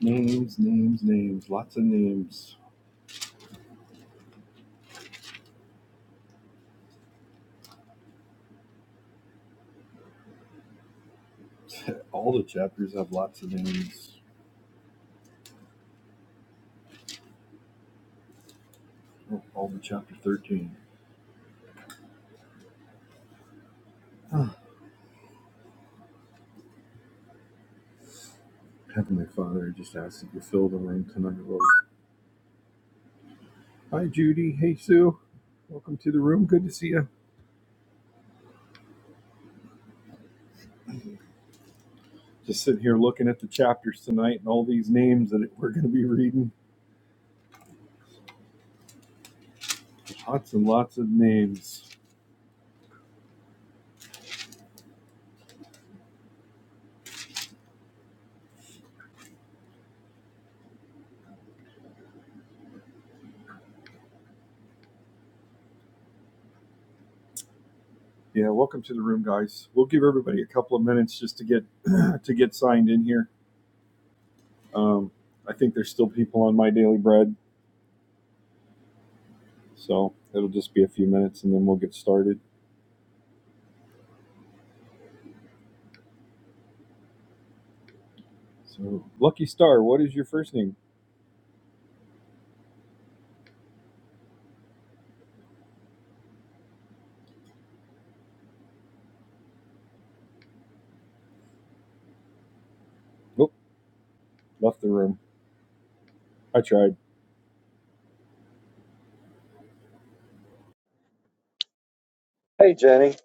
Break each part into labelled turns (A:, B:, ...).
A: Names, names, names, lots of names. All the chapters have lots of names. Oh, All the chapter 13. Heavenly Father, I just ask that you fill the room tonight, Lord. Hi, Judy. Hey, Sue. Welcome to the room. Good to see you. Just sitting here looking at the chapters tonight and all these names that we're going to be reading. Lots and lots of names. Yeah, welcome to the room, guys. We'll give everybody a couple of minutes just to get to get signed in here. Um, I think there's still people on my daily bread So it'll just be a few minutes and then we'll get started. So, Lucky Star, what is your first name? Oop, left the room. I tried. Hey, Jenny.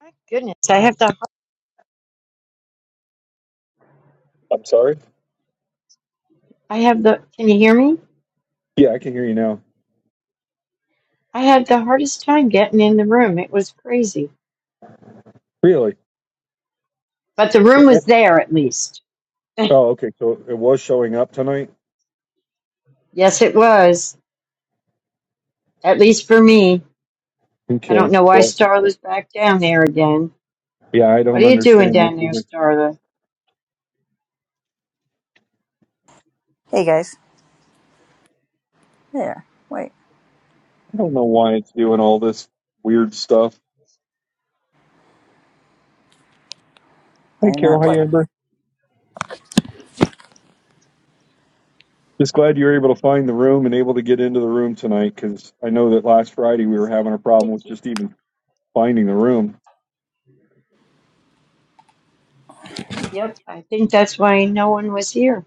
B: My goodness, I have the
A: I'm sorry.
B: I have the can you hear me?
A: Yeah, I can hear you now.
B: I had the hardest time getting in the room. It was crazy.
A: Really?
B: But the
A: Oh,
B: room
A: oh,
B: was there at least.
A: oh, okay. So it was showing up tonight?
B: yes, it was. At least for me. I don't
A: Okay.
B: know why
A: Well,
B: Starla's back down there again.
A: yeah, I
B: What are
A: don't
B: you doing
A: understand this
B: down there,
A: either.
B: Starla?
C: Hey guys. There. Wait.
A: I don't know why it's doing all this weird stuff. Hey,
C: Wait a
A: Carol.
C: minute.
A: Hi,
C: What?
A: Amber. Just glad you were able to find the room and able to get into the room tonight because I know that last Friday we were having a
B: Stop
A: problem with
B: licking.
A: just even finding the room.
B: Yep, I think that's why no one was here.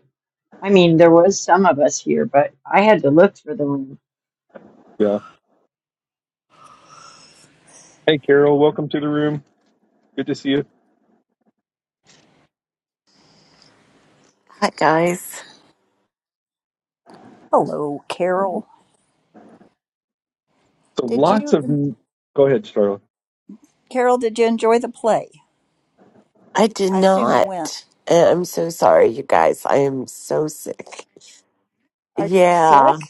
B: I mean, there was some of us here, but I had to look for the room.
A: Yeah. Hey, Carol. Welcome to the room. Good to see you,
D: Hi, guys.
C: Hello, Carol. Did you, Carol? Did you enjoy the play?
D: I did
C: I assume you went.
D: not. And I'm so sorry, you guys. I am so sick.
C: Are you sick?
D: Yeah,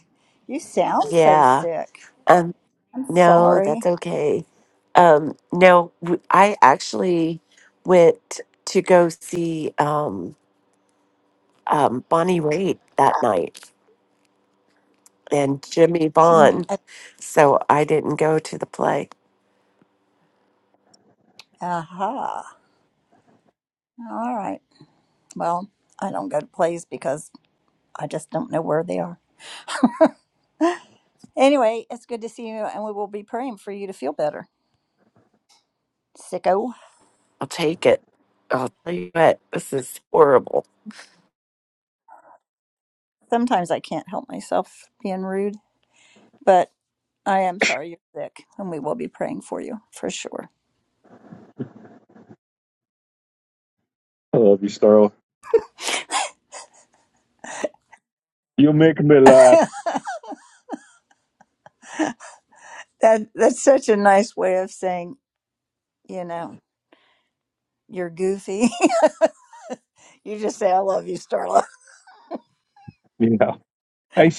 C: You sound so
D: yeah.
C: sick.
D: Um,
C: I'm
D: no, that's
C: sorry.
D: okay. Um, no, w- I actually went to go see um, um, Bonnie Raitt that night and Jimmy
C: Mm,
D: Vaughn.
C: uh,
D: So I didn't go to the play.
C: aha. All right. Well, I don't go to plays because I just don't know where they are. Anyway, it's good to see you, and we will be praying for you to feel better, sicko.
D: I'll take it. I'll tell you what, this is horrible.
C: Sometimes I can't help myself being rude, but I am sorry you're sick, and we will be praying for you for sure.
A: bro. You,
C: That that's such a nice way of saying, you know, you're goofy. you just say, "I love you, Starla."
A: I,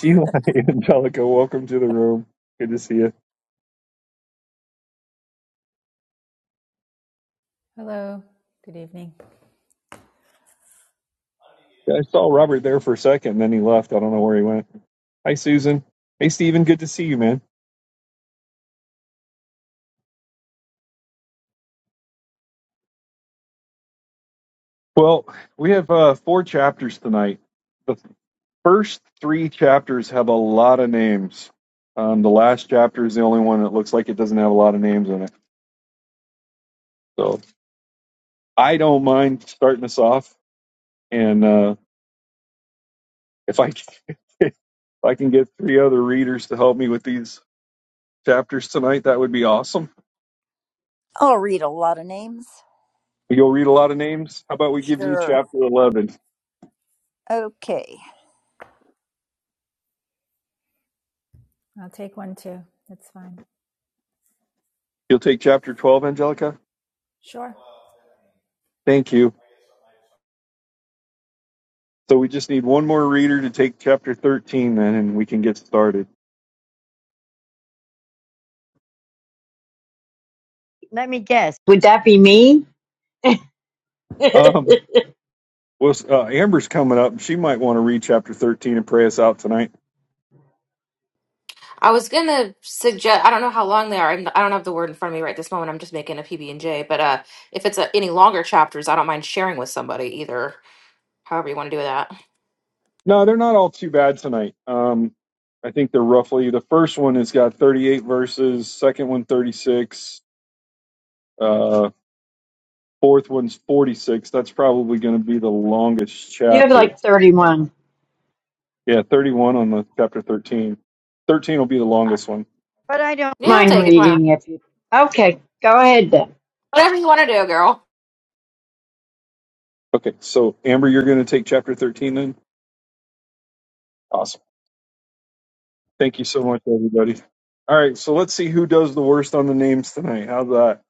E: Hello. Good evening.
A: Maury, man. I, I see you, man. Well, we have uh, four chapters tonight. The first three chapters have a lot of names. Um, the last chapter is the only one that looks like it doesn't have a lot of names in it. So I don't mind starting us off, and uh, if I if I can get three other readers to help me with these chapters tonight, that would be awesome.
C: I'll read a lot of names.
A: You'll read a lot of names. How about we give you
C: Sure.
A: chapter eleven?
C: Okay,
E: I'll take one too. That's fine.
A: You'll take chapter twelve, Angelica.
E: Sure.
A: Thank you. So we just need one more reader to take chapter 13 then, and we can get started.
B: Let me guess. Would that be me? you
A: Um, well, uh, Amber's coming up. She might want to read chapter 13 and pray us out tonight.
F: I was gonna suggest. I don't know how long they are. I'm, I don't have the word in front of me right this moment. I'm just making a PB and J. But uh, if it's a, any longer chapters, I don't mind sharing with somebody either. However you want to do that.
A: No, they're not all too bad tonight. Um, I think they're roughly, the first one has got 38 verses, second one thirty-six, uh, fourth one's 46. That's probably going to be the longest
B: have
A: chapter.
B: like 31.
A: Yeah, 31 on the chapter 13. 13 will be the
F: Uh,
A: longest one.
B: But I don't
F: Yeah, I'll
B: mind
F: take it. Why not?
B: reading if you... Okay, go ahead then.
F: Whatever you want to do, girl.
A: Okay, so Amber, you're going to take chapter 13 then? Awesome. Thank you so much, everybody. All right, so let's see who does the worst on the names tonight. How's that?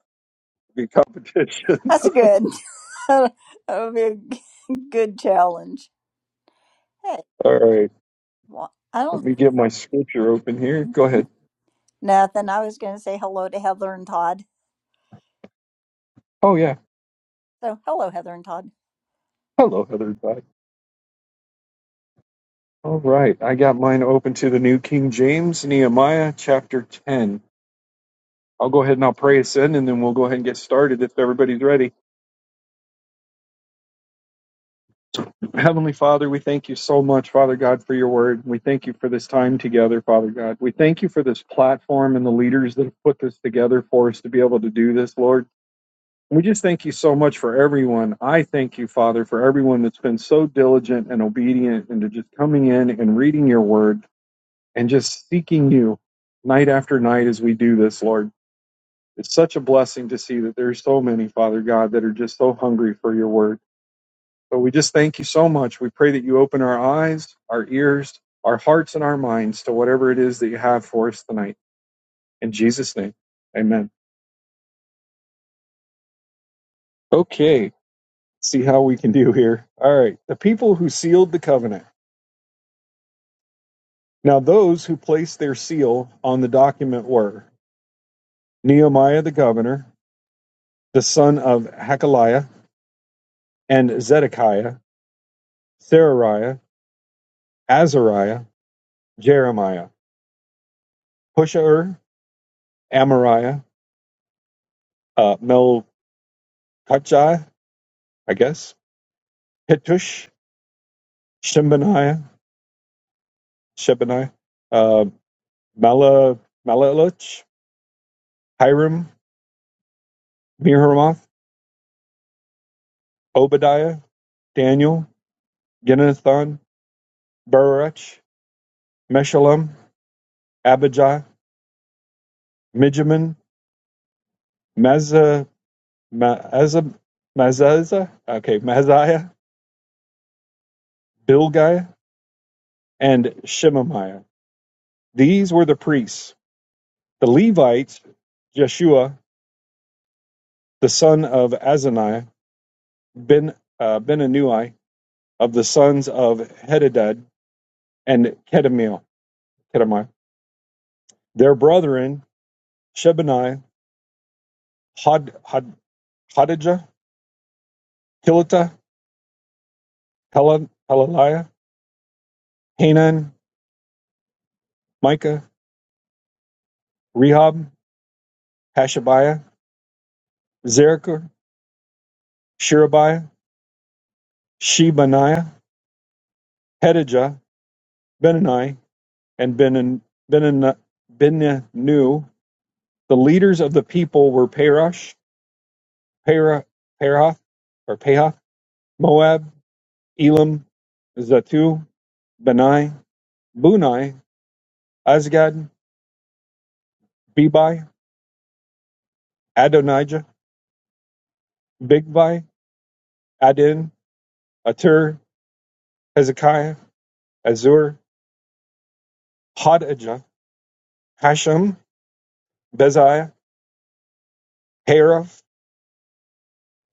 A: Be competition.
C: that's a good. that'll be a g- good challenge. Hey,
A: All right,
C: well, I
A: let
C: don't
A: me get my scripture open here. Go ahead.
C: nothing. I was going to say hello to Heather and Todd.
A: Oh yeah.
C: So hello, Heather and Todd.
A: Hello, Heather. Bye. All right, I got mine open to the New King James, Nehemiah chapter ten. I'll go ahead and I'll pray us in, and then we'll go ahead and get started if everybody's ready. Heavenly Father, we thank you so much, Father God, for your word. We thank you for this time together, Father God. We thank you for this platform and the leaders that have put this together for us to be able to do this, Lord. We just thank you so much for everyone. I thank you, Father, for everyone that's been so diligent and obedient into just coming in and reading your word and just seeking you night after night as we do this, Lord. It's such a blessing to see that there's so many, Father God, that are just so hungry for your word. But we just thank you so much. We pray that you open our eyes, our ears, our hearts, and our minds to whatever it is that you have for us tonight. In Jesus' name, amen. Okay. see how we can do here. All right. The people who sealed the covenant. Now, those who placed their seal on the document were Nehemiah the governor, the son of Hakaliah, and Zedekiah, Serariah, Azariah, Jeremiah, Pushaer, Amariah, uh, Melchijah, I guess, Hittush, Shembaniah, Shebaniah, uh, Mala, Malalich, Hiram, Miramoth, Obadiah, Daniel, Ginnathon, Baruch, Meshullam, Abijah, Mijamin, Mazza, Mazza, Mazzah, okay, Mazziah, Bilgai, and Shemaiah. These were the priests. The Levites, Jeshua, the son of Azaniah, Ben uh, Benanui, of the sons of Hedadad and Kedemiel, Kedemiah. Their brethren, Shebaniah, Had, Had, Hadijah, Kilita, Hel- Helaliah, Hanan, Micah, Rehob, Hashabiah, Zerachar, Sherebiah, Shebaniah, Hedijah, Benani, and Benin- Benin- Beninu. The leaders of the people were Perosh, Perah, Perath, or Pehath, Moab, Elam, Zatu, Benai, Bunai, Azgad, Bebai, Adonijah, Bigvai, Adin, Atur, Hezekiah, Azur, Hadijah, Hashem, Bezaiah, Herath,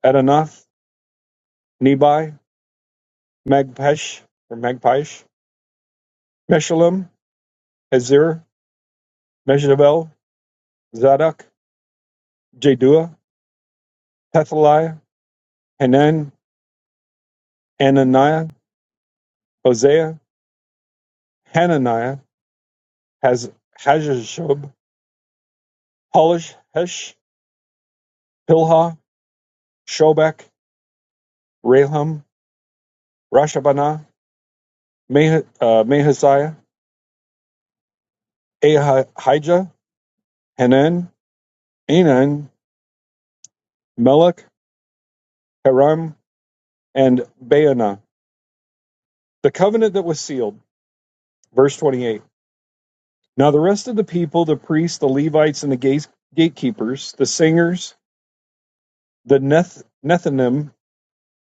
A: Adanath, Nebai, Magpesh, or Magpish, Meshullam, Hazir, Meshadabel, Zadok, Jedua, Pethaliah, Hanan, Ananiah, Hosea, Hananiah, Haz, Hazashub, Polish, Hesh, Pilha, Shobek, Rahum, Rashabana, Mah- uh, Mahaziah, Ahijah, Hanan, Enan, Melech, Haram, and Baana. The covenant that was sealed. Verse 28. Now the rest of the people, the priests, the Levites, and the gate- gatekeepers, the singers, the Neth- Nethinim,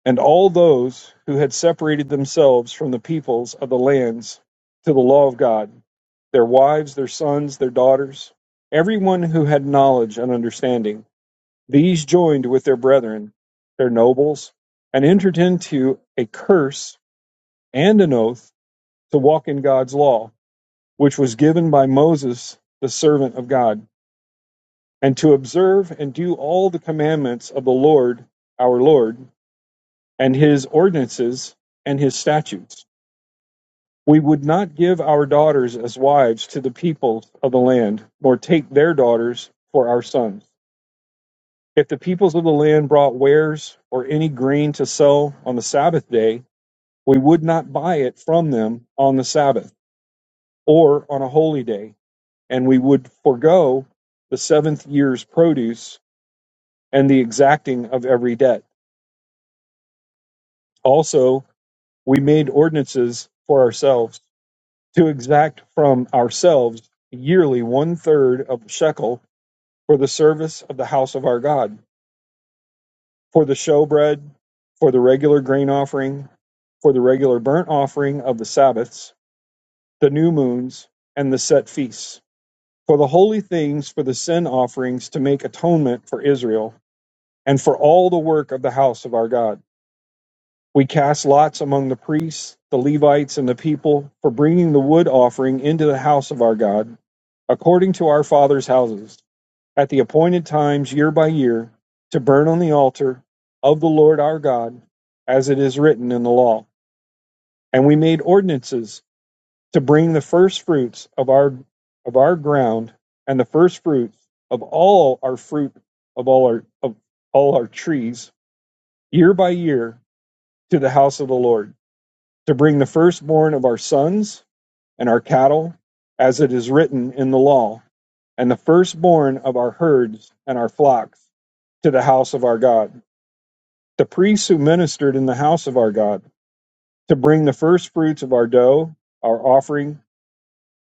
A: and all those who had separated themselves from the peoples of the lands to the law of God, their wives, their sons, their daughters, everyone who had knowledge and understanding, these joined with their brethren, their nobles, and entered into a curse and an oath to walk in God's law, which was given by Moses, the servant of God and to observe and do all the commandments of the Lord our Lord, and his ordinances and his statutes. We would not give our daughters as wives to the peoples of the land, nor take their daughters for our sons. If the peoples of the land brought wares or any grain to sell on the Sabbath day, we would not buy it from them on the Sabbath or on a holy day, and we would forego the seventh year's produce and the exacting of every debt. Also, we made ordinances for ourselves to exact from ourselves yearly one third of the shekel for the service of the house of our God, for the showbread, for the regular grain offering, for the regular burnt offering of the Sabbaths, the new moons, and the set feasts, for the holy things, for the sin offerings to make atonement for Israel, and for all the work of the house of our God. We cast lots among the priests, the Levites, and the people for bringing the wood offering into the house of our God, according to our fathers' houses, at the appointed times year by year, to burn on the altar of the Lord our God, as it is written in the law. And we made ordinances to bring the first fruits of our of our ground and the first fruits of all our fruit of all our of all our trees year by year to the house of the Lord to bring the firstborn of our sons and our cattle, as it is written in the law, and the firstborn of our herds and our flocks to the house of our God. The priests who ministered in the house of our God, to bring the firstfruits of our dough, our offering,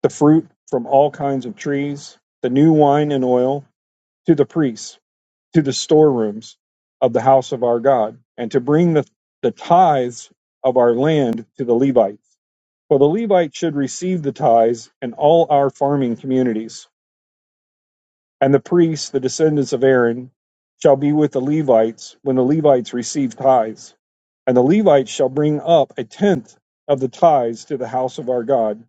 A: the fruit from all kinds of trees, the new wine and oil, to the priests, to the storerooms of the house of our God, and to bring the, the tithes of our land to the Levites Well, the Levite should receive the tithes in all our farming communities, and the priests, the descendants of Aaron, shall be with the Levites when the Levites receive tithes. And the Levites shall bring up a tenth of the tithes to the house of our God,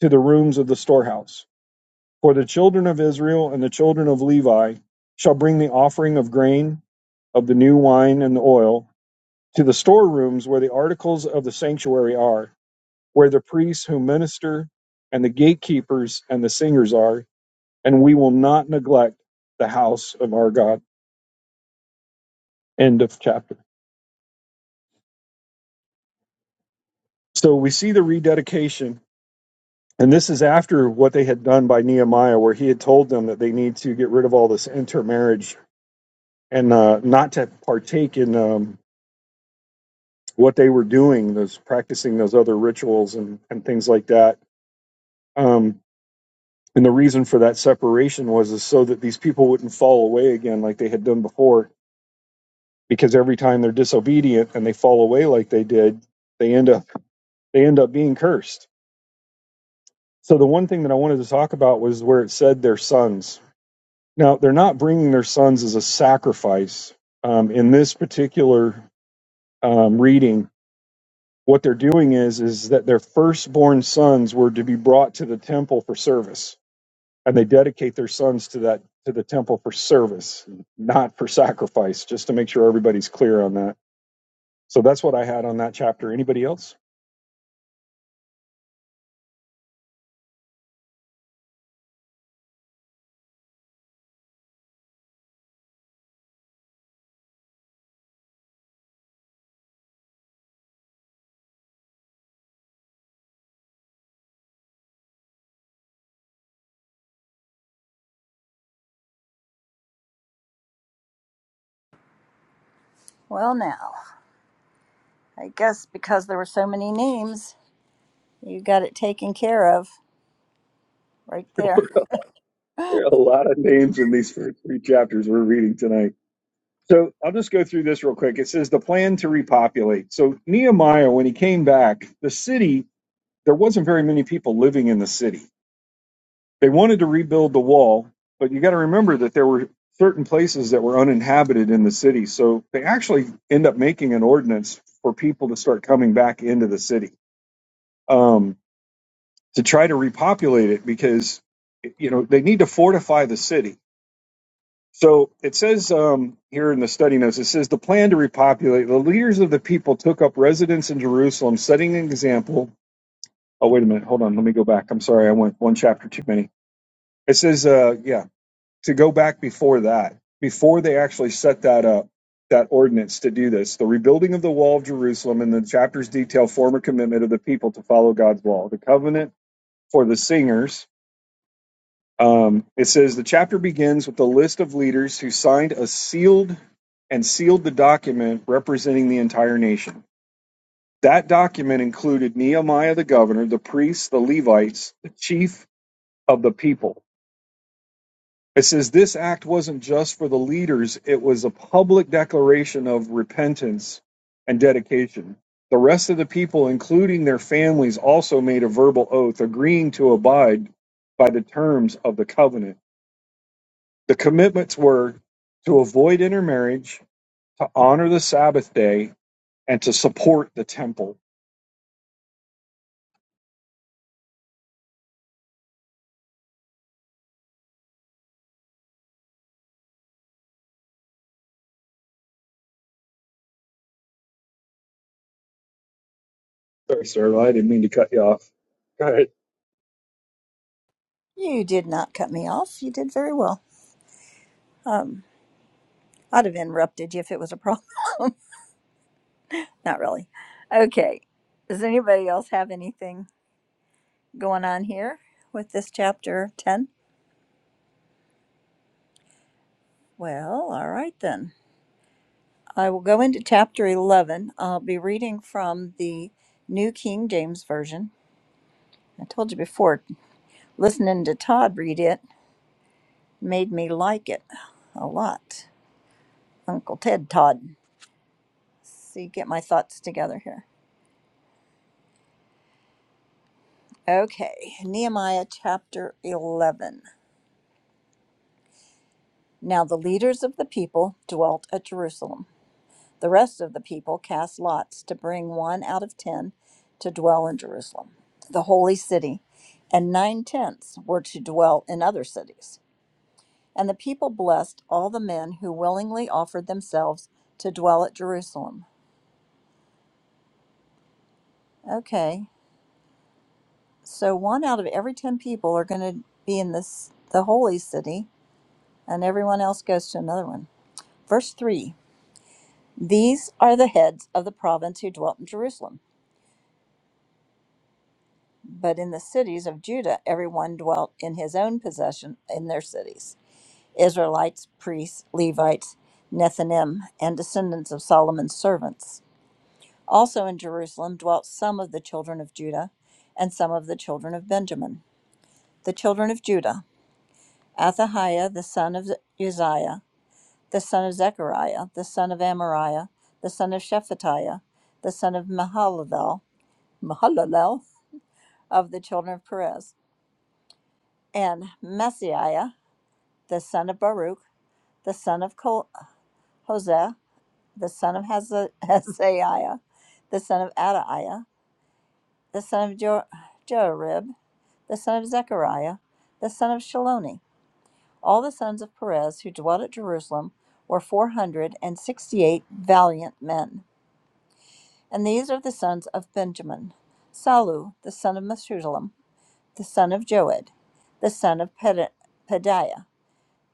A: to the rooms of the storehouse. For the children of Israel and the children of Levi shall bring the offering of grain, of the new wine and the oil, to the storerooms where the articles of the sanctuary are where the priests who minister and the gatekeepers and the singers are, and we will not neglect the house of our God. End of chapter. So we see the rededication, and this is after what they had done by Nehemiah, where he had told them that they need to get rid of all this intermarriage and uh, not to partake in um, what they were doing, those practicing those other rituals and, and things like that. Um, and the reason for that separation was is so that these people wouldn't fall away again like they had done before because every time they're disobedient and they fall away like they did, they end up they end up being cursed. So the one thing that I wanted to talk about was where it said their sons. Now they're not bringing their sons as a sacrifice. Um, in this particular um, reading, what they're doing is is that their firstborn sons were to be brought to the temple for service, and they dedicate their sons to that to the temple for service, not for sacrifice. Just to make sure everybody's clear on that. So that's what I had on that chapter. Anybody else?
C: Well, now I guess because there were so many names, you got it taken care of right there.
A: There are a lot of names in these first three chapters we're reading tonight. So I'll just go through this real quick. It says the plan to repopulate. So Nehemiah, when he came back, the city, there wasn't very many people living in the city. They wanted to rebuild the wall, but you got to remember that there were certain places that were uninhabited in the city. So they actually end up making an ordinance for people to start coming back into the city um, to try to repopulate it because, you know, they need to fortify the city So it says um, here in the study notes, it says the plan to repopulate. The leaders of the people took up residence in Jerusalem, setting an example. Oh, wait a minute. Hold on. Let me go back. I'm sorry. I went one chapter too many. It says, uh, yeah, to go back before that, before they actually set that up, that ordinance to do this. The rebuilding of the wall of Jerusalem and the chapters detail former commitment of the people to follow God's law. The covenant for the singers um, it says the chapter begins with a list of leaders who signed a sealed and sealed the document representing the entire nation. That document included Nehemiah the governor, the priests, the Levites, the chief of the people. It says this act wasn't just for the leaders, it was a public declaration of repentance and dedication. The rest of the people, including their families, also made a verbal oath agreeing to abide by the terms of the covenant The commitments were to avoid intermarriage, to honor the Sabbath day, and to support the temple. Sorry, sir, I didn't mean to cut you off. Go ahead.
C: You did not cut me off. You did very well. I'd have interrupted you if it was a problem. Not really. Okay. Does anybody else have anything going on here with this chapter 10? Well, all right then. I will go into chapter 11. I'll be reading from the New King James Version. I told you before, listening to Todd read it made me like it a lot. Uncle Ted Todd. See, get my thoughts together here. Okay, Nehemiah chapter 11. Now the leaders of the people dwelt at Jerusalem. The rest of the people cast lots to bring one out of ten to dwell in Jerusalem, the holy city, and nine tenths were to dwell in other cities. And the people blessed all the men who willingly offered themselves to dwell at Jerusalem. Okay, so one out of every ten people are going to be in this the holy city, and everyone else goes to another one. Verse three: These are the heads of the province who dwelt in Jerusalem. But in the cities of Judah, everyone dwelt in his own possession in their cities Israelites, priests, Levites, Nethinim, and descendants of Solomon's servants. Also in Jerusalem dwelt some of the children of Judah and some of the children of Benjamin. The children of Judah Athahiah, the son of Uzziah, the son of Zechariah, the son of Amariah, the son of Shephatiah, the son of Mahalalel, Mahalalel of the children of Perez, and Messiah the son of Baruch, the son of Hosea, the son of Haza- the son of Adaiah, the son of jo- Joarib, the son of Zechariah, the son of Shaloni. All the sons of Perez who dwelt at Jerusalem were four hundred and sixty-eight valiant men. And these are the sons of Benjamin: Salu, the son of Meshulam, the son of Joed, the son of Ped- Pediah,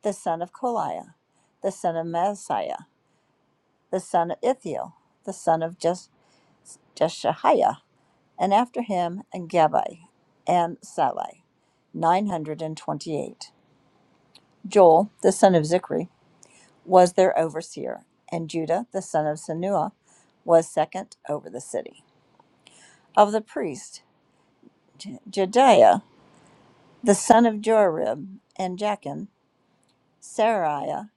C: the son of Koliah, the son of Maaseiah, the son of Ithiel, the son of Jes- Jeshahiah, and after him, and Gabai, and Salai, 928. Joel, the son of Zichri, was their overseer, and Judah, the son of Sanua, was second over the city. Of the priests, Jediah, the son of Joarib, and Jachin. Seraiah,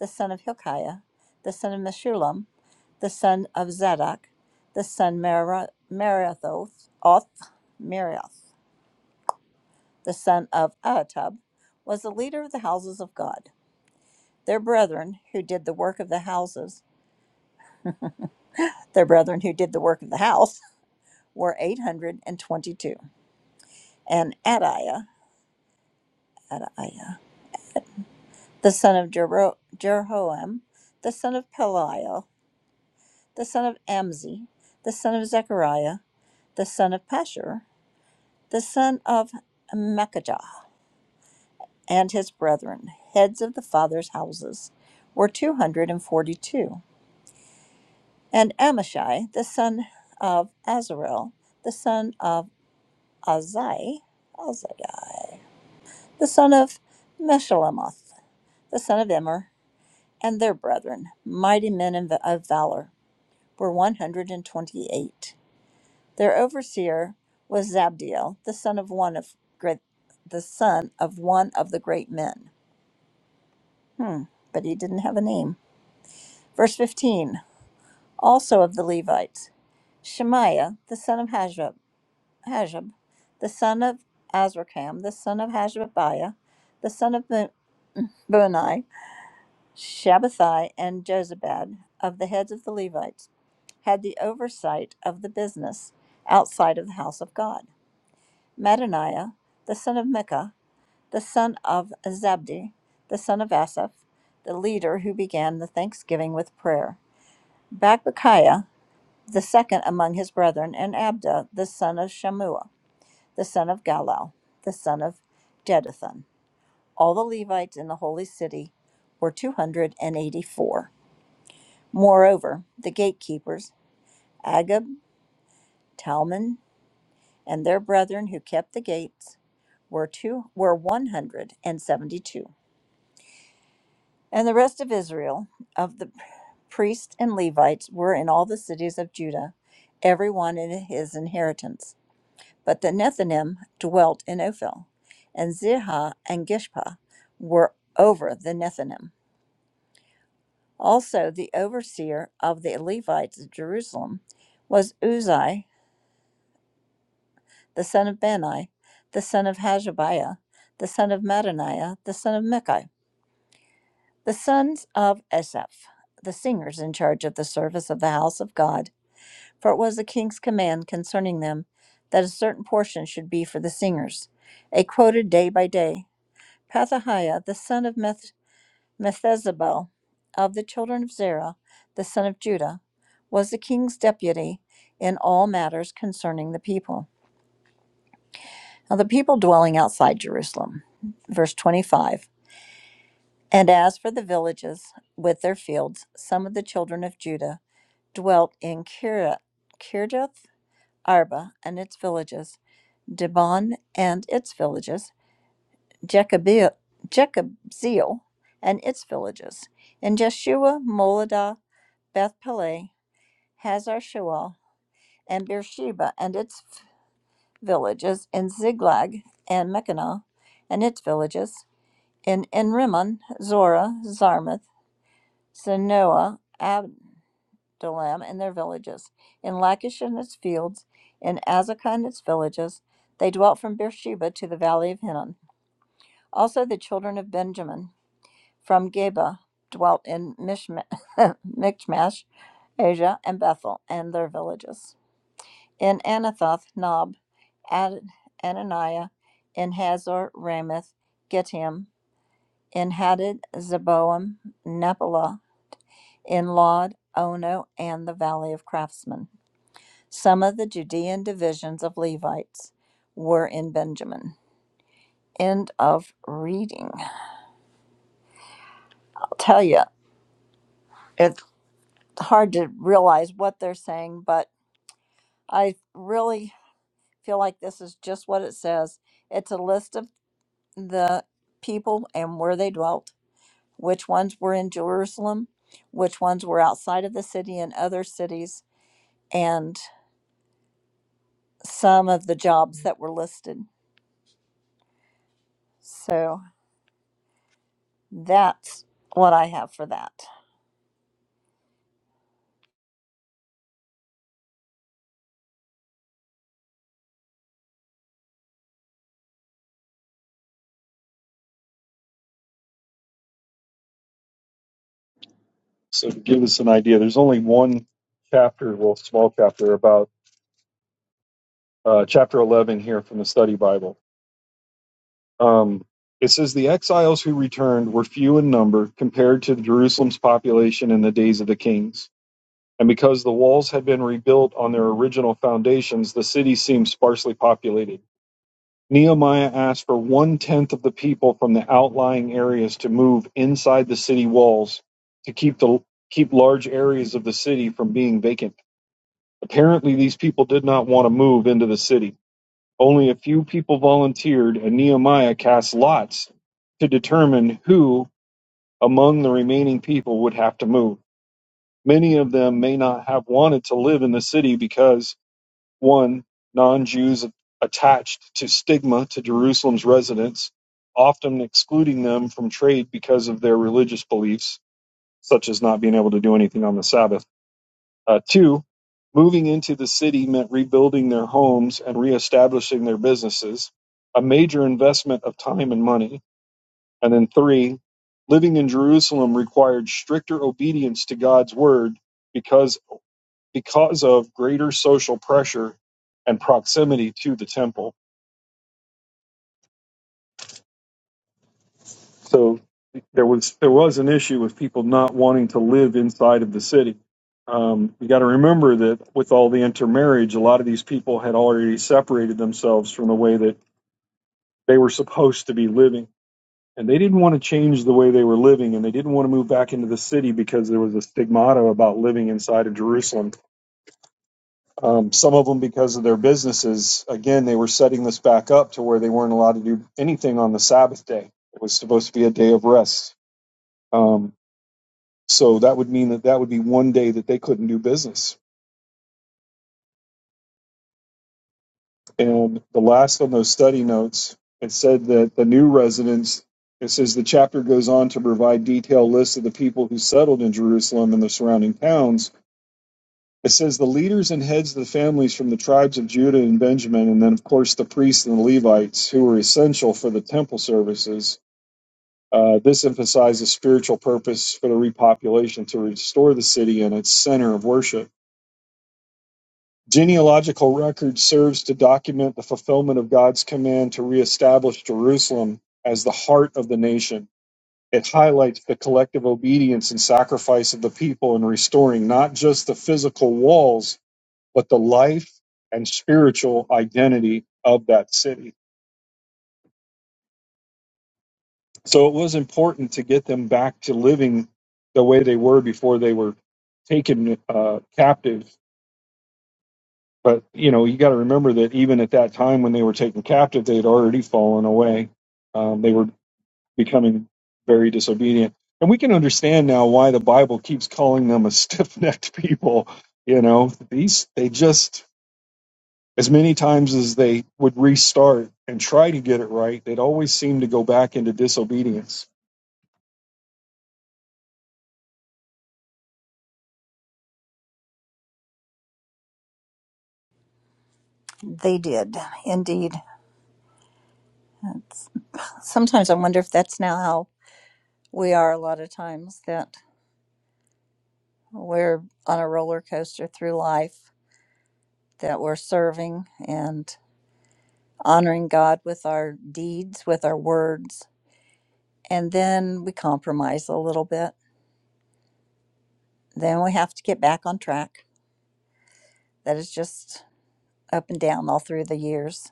C: the son of Hilkiah, the son of Meshullam, the son of Zadok, the son Merari- Merathoth, Merioth, the son of Ahitub, was the leader of the houses of God. Their brethren who did the work of the houses, their brethren who did the work of the house, were 822. And Adiah, Adiah, the son of Jero- Jeroham, the son of Peliel, the son of Amzi, the son of Zechariah, the son of Pashur, the son of Machajah, and his brethren, heads of the fathers' houses, were 242. And Amashai, the son of Azarel, the son of Azai, Azai, the son of Meshalemoth, the son of Immer, and their brethren, mighty men of valor, were 128. Their overseer was Zabdiel, the son of one of great, the son of one of the great men. Hmm, but he didn't have a name. Verse 15. Also of the Levites, Shemaiah, the son of Hashab, Hashab the son of Azrikam, the son of Hashabiah, the son of Bu- Bunai, Shabbathai, and Jozabad, of the heads of the Levites, had the oversight of the business outside of the house of God. Mattaniah, the son of Micah, the son of Zabdi, the son of Asaph, the leader who began the thanksgiving with prayer. Bakbukiah, the second among his brethren, and Abda, the son of Shammua, the son of Galal, the son of Jeduthun. All the Levites in the holy city were 284. Moreover, the gatekeepers, Agab, Talmon, and their brethren who kept the gates, were two were 172 And the rest of Israel, of the priests and Levites, were in all the cities of Judah, every one in his inheritance. But the Nethinim dwelt in Ophel, and Zihah and Gishpa were over the Nethinim. Also, the overseer of the Levites of Jerusalem was Uzai, the son of Bani, the son of Hashabiah, the son of Mattaniah, the son of Micah, the sons of Esaph, the singers in charge of the service of the house of God For it was the king's command concerning them that a certain portion should be for the singers, a quoted day by day. Pethahiah, the son of Meth- Methezabel, of the children of Zerah, the son of Judah, was the king's deputy in all matters concerning the people. Now the people dwelling outside Jerusalem, verse 25. And as for the villages with their fields, some of the children of Judah dwelt in Kira- Kirjath Arba and its villages Dibon and its villages, Jechabe- and its villages, and Jeshua, Moladah, Beth Peleh, Hazar Shual, and Beersheba and its villages, and Ziglag and Mechanah and its villages, and Enrimmon, Zorah, Zarmath, Zenoah, Abdalam and their villages, in Lachish and its fields, in Azekah and its villages. They dwelt from Beersheba to the valley of Hinnom. Also, the children of Benjamin from Geba dwelt in Mishma- Michmash, Asia, and Bethel, and their villages. In Anathoth, Nob, Ad- Ananiah, in Hazor, Ramoth, Gittim, in Hadid, Zeboam, Nephilah, in Lod, Ono, and the Valley of Craftsmen. Some of the Judean divisions of Levites were in Benjamin. End of reading. I'll tell you, it. hard to realize what they're saying, but I really feel like this is just what it says. It's a list of the people and where they dwelt, which ones were in Jerusalem, which ones were outside of the city and other cities, and some of the jobs that were listed. So that's what I have for that.
A: So to give us an idea, there's only one chapter, well, small chapter about uh, chapter 11 here from the Study Bible. Um, it says the exiles who returned were few in number compared to Jerusalem's population in the days of the kings. And because the walls had been rebuilt on their original foundations, the city seemed sparsely populated. Nehemiah asked for one tenth of the people from the outlying areas to move inside the city walls to keep the keep large areas of the city from being vacant. Apparently, these people did not want to move into the city. Only a few people volunteered, and Nehemiah cast lots to determine who among the remaining people would have to move. Many of them may not have wanted to live in the city because one, non-Jews attached to stigma to Jerusalem's residents, often excluding them from trade because of their religious beliefs, such as not being able to do anything on the Sabbath. Uh, two, moving into the city meant rebuilding their homes and reestablishing their businesses, a major investment of time and money. And then three, living in Jerusalem required stricter obedience to God's word because because of greater social pressure and proximity to the temple. So there was there was an issue with people not wanting to live inside of the city. Um, you got to remember that with all the intermarriage, a lot of these people had already separated themselves from the way that they were supposed to be living, and they didn't want to change the way they were living, and they didn't want to move back into the city because there was a stigmata about living inside of Jerusalem Um, some of them, because of their businesses, again, they were setting this back up to where they weren't allowed to do anything on the Sabbath day. It was supposed to be a day of rest. Um, so that would mean that that would be one day that they couldn't do business. And the last on those study notes, it said that the new residents, it says the chapter goes on to provide detailed lists of the people who settled in Jerusalem and the surrounding towns It says the leaders and heads of the families from the tribes of Judah and Benjamin, and then, of course, the priests and the Levites who were essential for the temple services. Uh, this emphasizes spiritual purpose for the repopulation to restore the city and its center of worship. Genealogical record serves to document the fulfillment of God's command to reestablish Jerusalem as the heart of the nation. It highlights the collective obedience and sacrifice of the people in restoring not just the physical walls but the life and spiritual identity of that city. So it was important to get them back to living the way they were before they were taken uh, captive. But you know, you got to remember that even at that time when they were taken captive, they had already fallen away. Um, they were becoming very disobedient, and we can understand now why the Bible keeps calling them a stiff-necked people. You know, these they just as many times as they would restart and try to get it right, they'd always seem to go back into disobedience.
C: They did indeed. It's- sometimes I wonder if that's now how we are a lot of times that We're on a roller coaster through life that we're serving and honoring God with our deeds, with our words. And then we compromise a little bit. Then we have to get back on track. That is just up and down all through the years.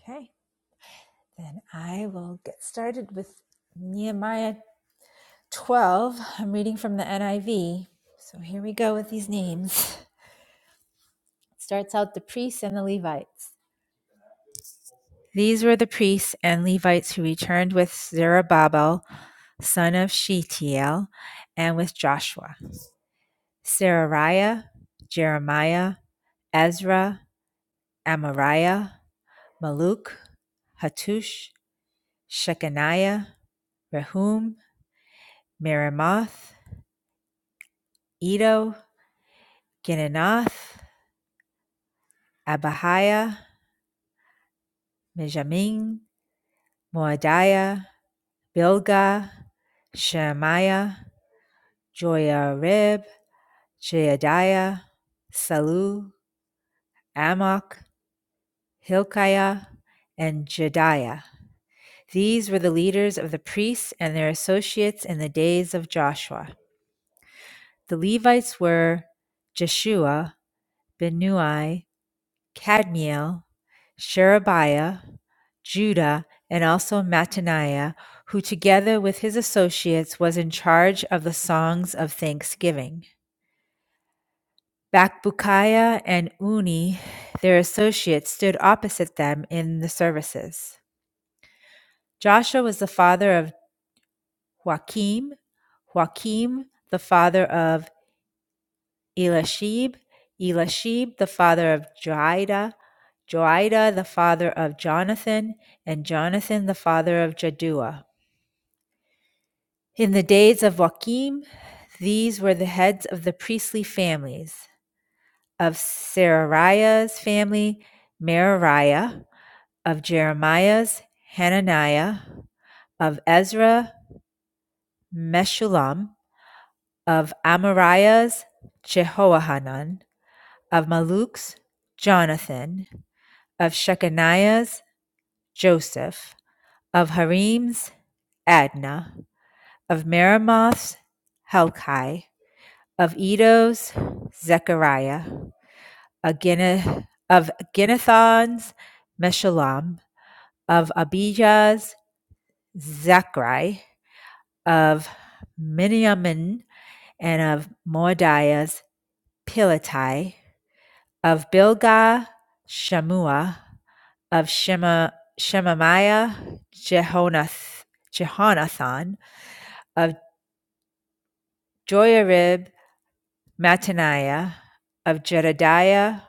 E: Okay. Then I will get started with Nehemiah 12. I'm reading from the NIV. So here we go with these names. It starts out the priests and the Levites. These were the priests and Levites who returned with Zerubbabel, son of Shealtiel, and with Joshua, Serariah, Jeremiah, Ezra, Amariah, Maluk, Hattush, Shechaniah, Rehum, Merimoth, Edo, Ginanath, Abahiah, Mijamin, Moadiah, Bilgah, Shemaiah, Joiarib, Jeadiah, Salu, Amok, Hilkiah, and Jediah. These were the leaders of the priests and their associates in the days of Joshua. The Levites were Jeshua, Benui, Cadmiel, Sherebiah, Judah, and also Mattaniah, who together with his associates was in charge of the songs of thanksgiving. Bakbukiah and Uni, their associates, stood opposite them in the services. Joshua was the father of Joachim, Joachim the father of Elishib, Elishib the father of Joiada, Joiada the father of Jonathan, and Jonathan the father of Jaddua. In the days of Joachim, these were the heads of the priestly families of Serariah's family, Merariah, of Jeremiah's, Hananiah, of Ezra, Meshullam, of Amariah's, Jehoahanan, of Maluk's, Jonathan, of Shechaniah's, Joseph, of Harim's, Adnah, of Meremoth's Helkai, of Edo's, Zechariah, of Gine- Ginnathon's, Meshullam, of Abijah's, Zachri, of Miniamin, and of Moadiah's, Pilatai, of Bilgah, Shamua, of Shema, Shemaiah Jehonath, Jehonathan, of Joyarib Mattaniah, of Jedediah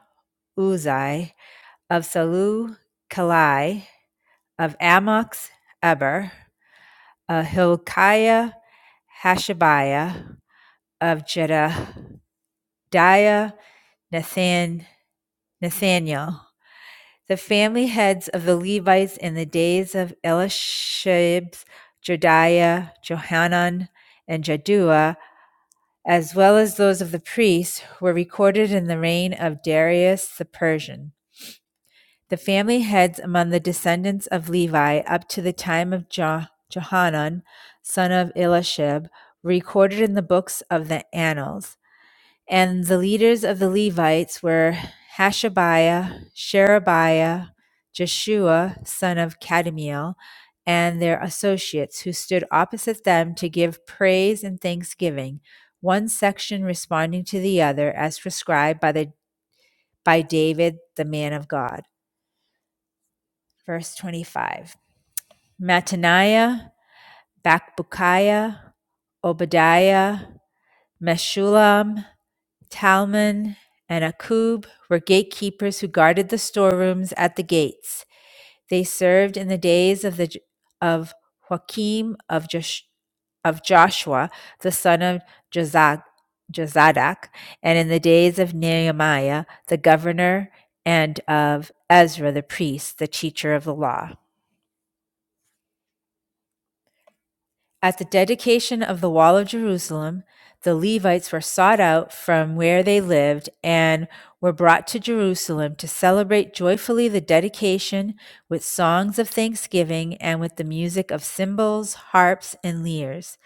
E: Uzai, of Salu Kalai, of Amox Eber, of Hilkiah Hashabiah, of Jedediah Nathan, Nathaniel, The family heads of the Levites in the days of Elishib, Jediah, Johanan, and Jaddua, as well as those of the priests, were recorded in the reign of Darius the Persian. The family heads among the descendants of Levi up to the time of Jo- Johanan, son of Elishib, were recorded in the books of the Annals. And the leaders of the Levites were Hashabiah, Sherebiah, Jeshua, son of Kadmiel, and their associates who stood opposite them to give praise and thanksgiving, one section responding to the other as prescribed by, the, by David, the man of God. Verse 25 Mattaniah, Bakbukiah, Obadiah, Meshulam, Talman, and Akub were gatekeepers who guarded the storerooms at the gates. They served in the days of the of Joachim of Josh, of Joshua, the son of Jozad, Jozadak, and in the days of Nehemiah, the governor, and of Ezra the priest, the teacher of the law. At the dedication of the Wall of Jerusalem, the Levites were sought out from where they lived and were brought to Jerusalem to celebrate joyfully the dedication with songs of thanksgiving and with the music of cymbals, harps, and lyres.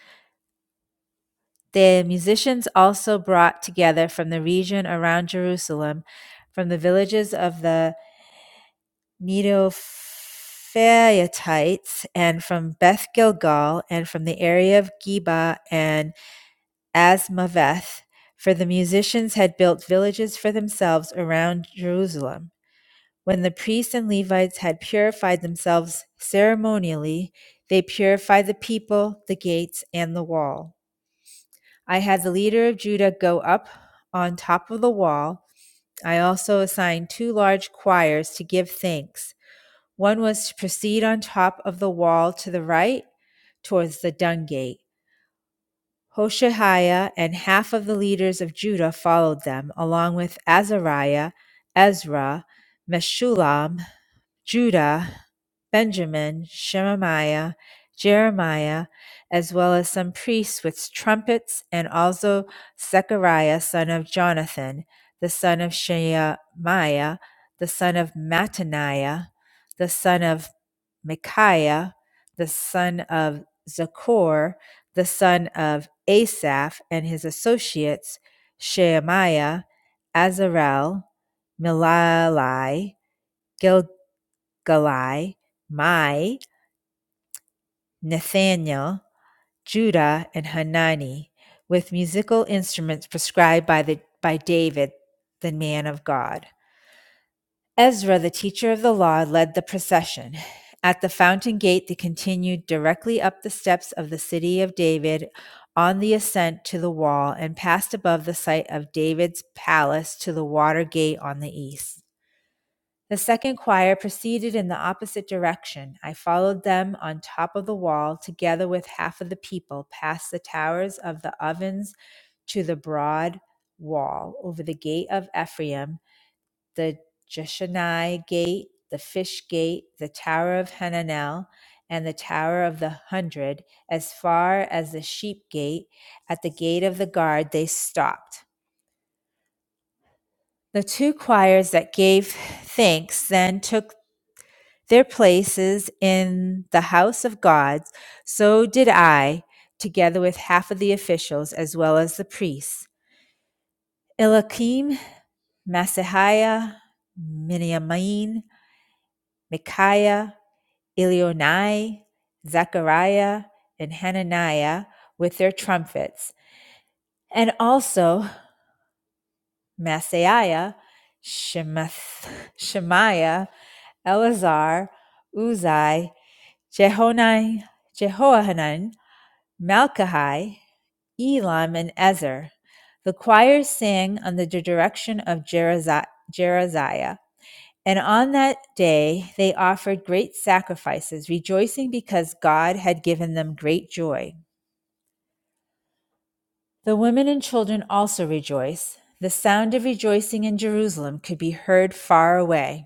E: The musicians also brought together from the region around Jerusalem, from the villages of the Netophaatites, and from Beth Gilgal, and from the area of Geba and As Maveth, for the musicians had built villages for themselves around Jerusalem. When the priests and Levites had purified themselves ceremonially, they purified the people, the gates, and the wall. I had the leader of Judah go up on top of the wall. I also assigned two large choirs to give thanks. One was to proceed on top of the wall to the right towards the dung gate. Hoshaiah and half of the leaders of Judah followed them, along with Azariah, Ezra, Meshullam, Judah, Benjamin, Shemaiah, Jeremiah, as well as some priests with trumpets, and also Zechariah, son of Jonathan, the son of Shemaiah, the son of Mattaniah, the son of Micaiah, the son of Zakor, the son of Asaph, and his associates, Shemaiah, Azarel, Milalai, Gilgalai, Mai, Nathaniel, Judah, and Hanani, with musical instruments prescribed by, the, by David, the man of God. Ezra, the teacher of the law, led the procession. At the fountain gate, they continued directly up the steps of the city of David on the ascent to the wall and passed above the site of David's palace to the water gate on the east. The second choir proceeded in the opposite direction. I followed them on top of the wall, together with half of the people, past the towers of the ovens to the broad wall over the gate of Ephraim the Jeshanai Gate, the Fish Gate, the Tower of Hananel, and the Tower of the Hundred, as far as the Sheep Gate, at the gate of the guard, they stopped. The two choirs that gave thanks then took their places in the house of God. So did I, together with half of the officials, as well as the priests. Eliakim, Masahiah, Miniamin, Micaiah, Elionai, Zechariah, and Hananiah with their trumpets, and also Maaseiah, Shemath, Shemaiah, Eleazar, Uzai, Jehonai, Jehohanan, Malchai, Elam, and Ezer. The choir sang under the direction of Jeraziah. And on that day they offered great sacrifices, rejoicing because God had given them great joy. The women and children also rejoiced. The sound of rejoicing in Jerusalem could be heard far away.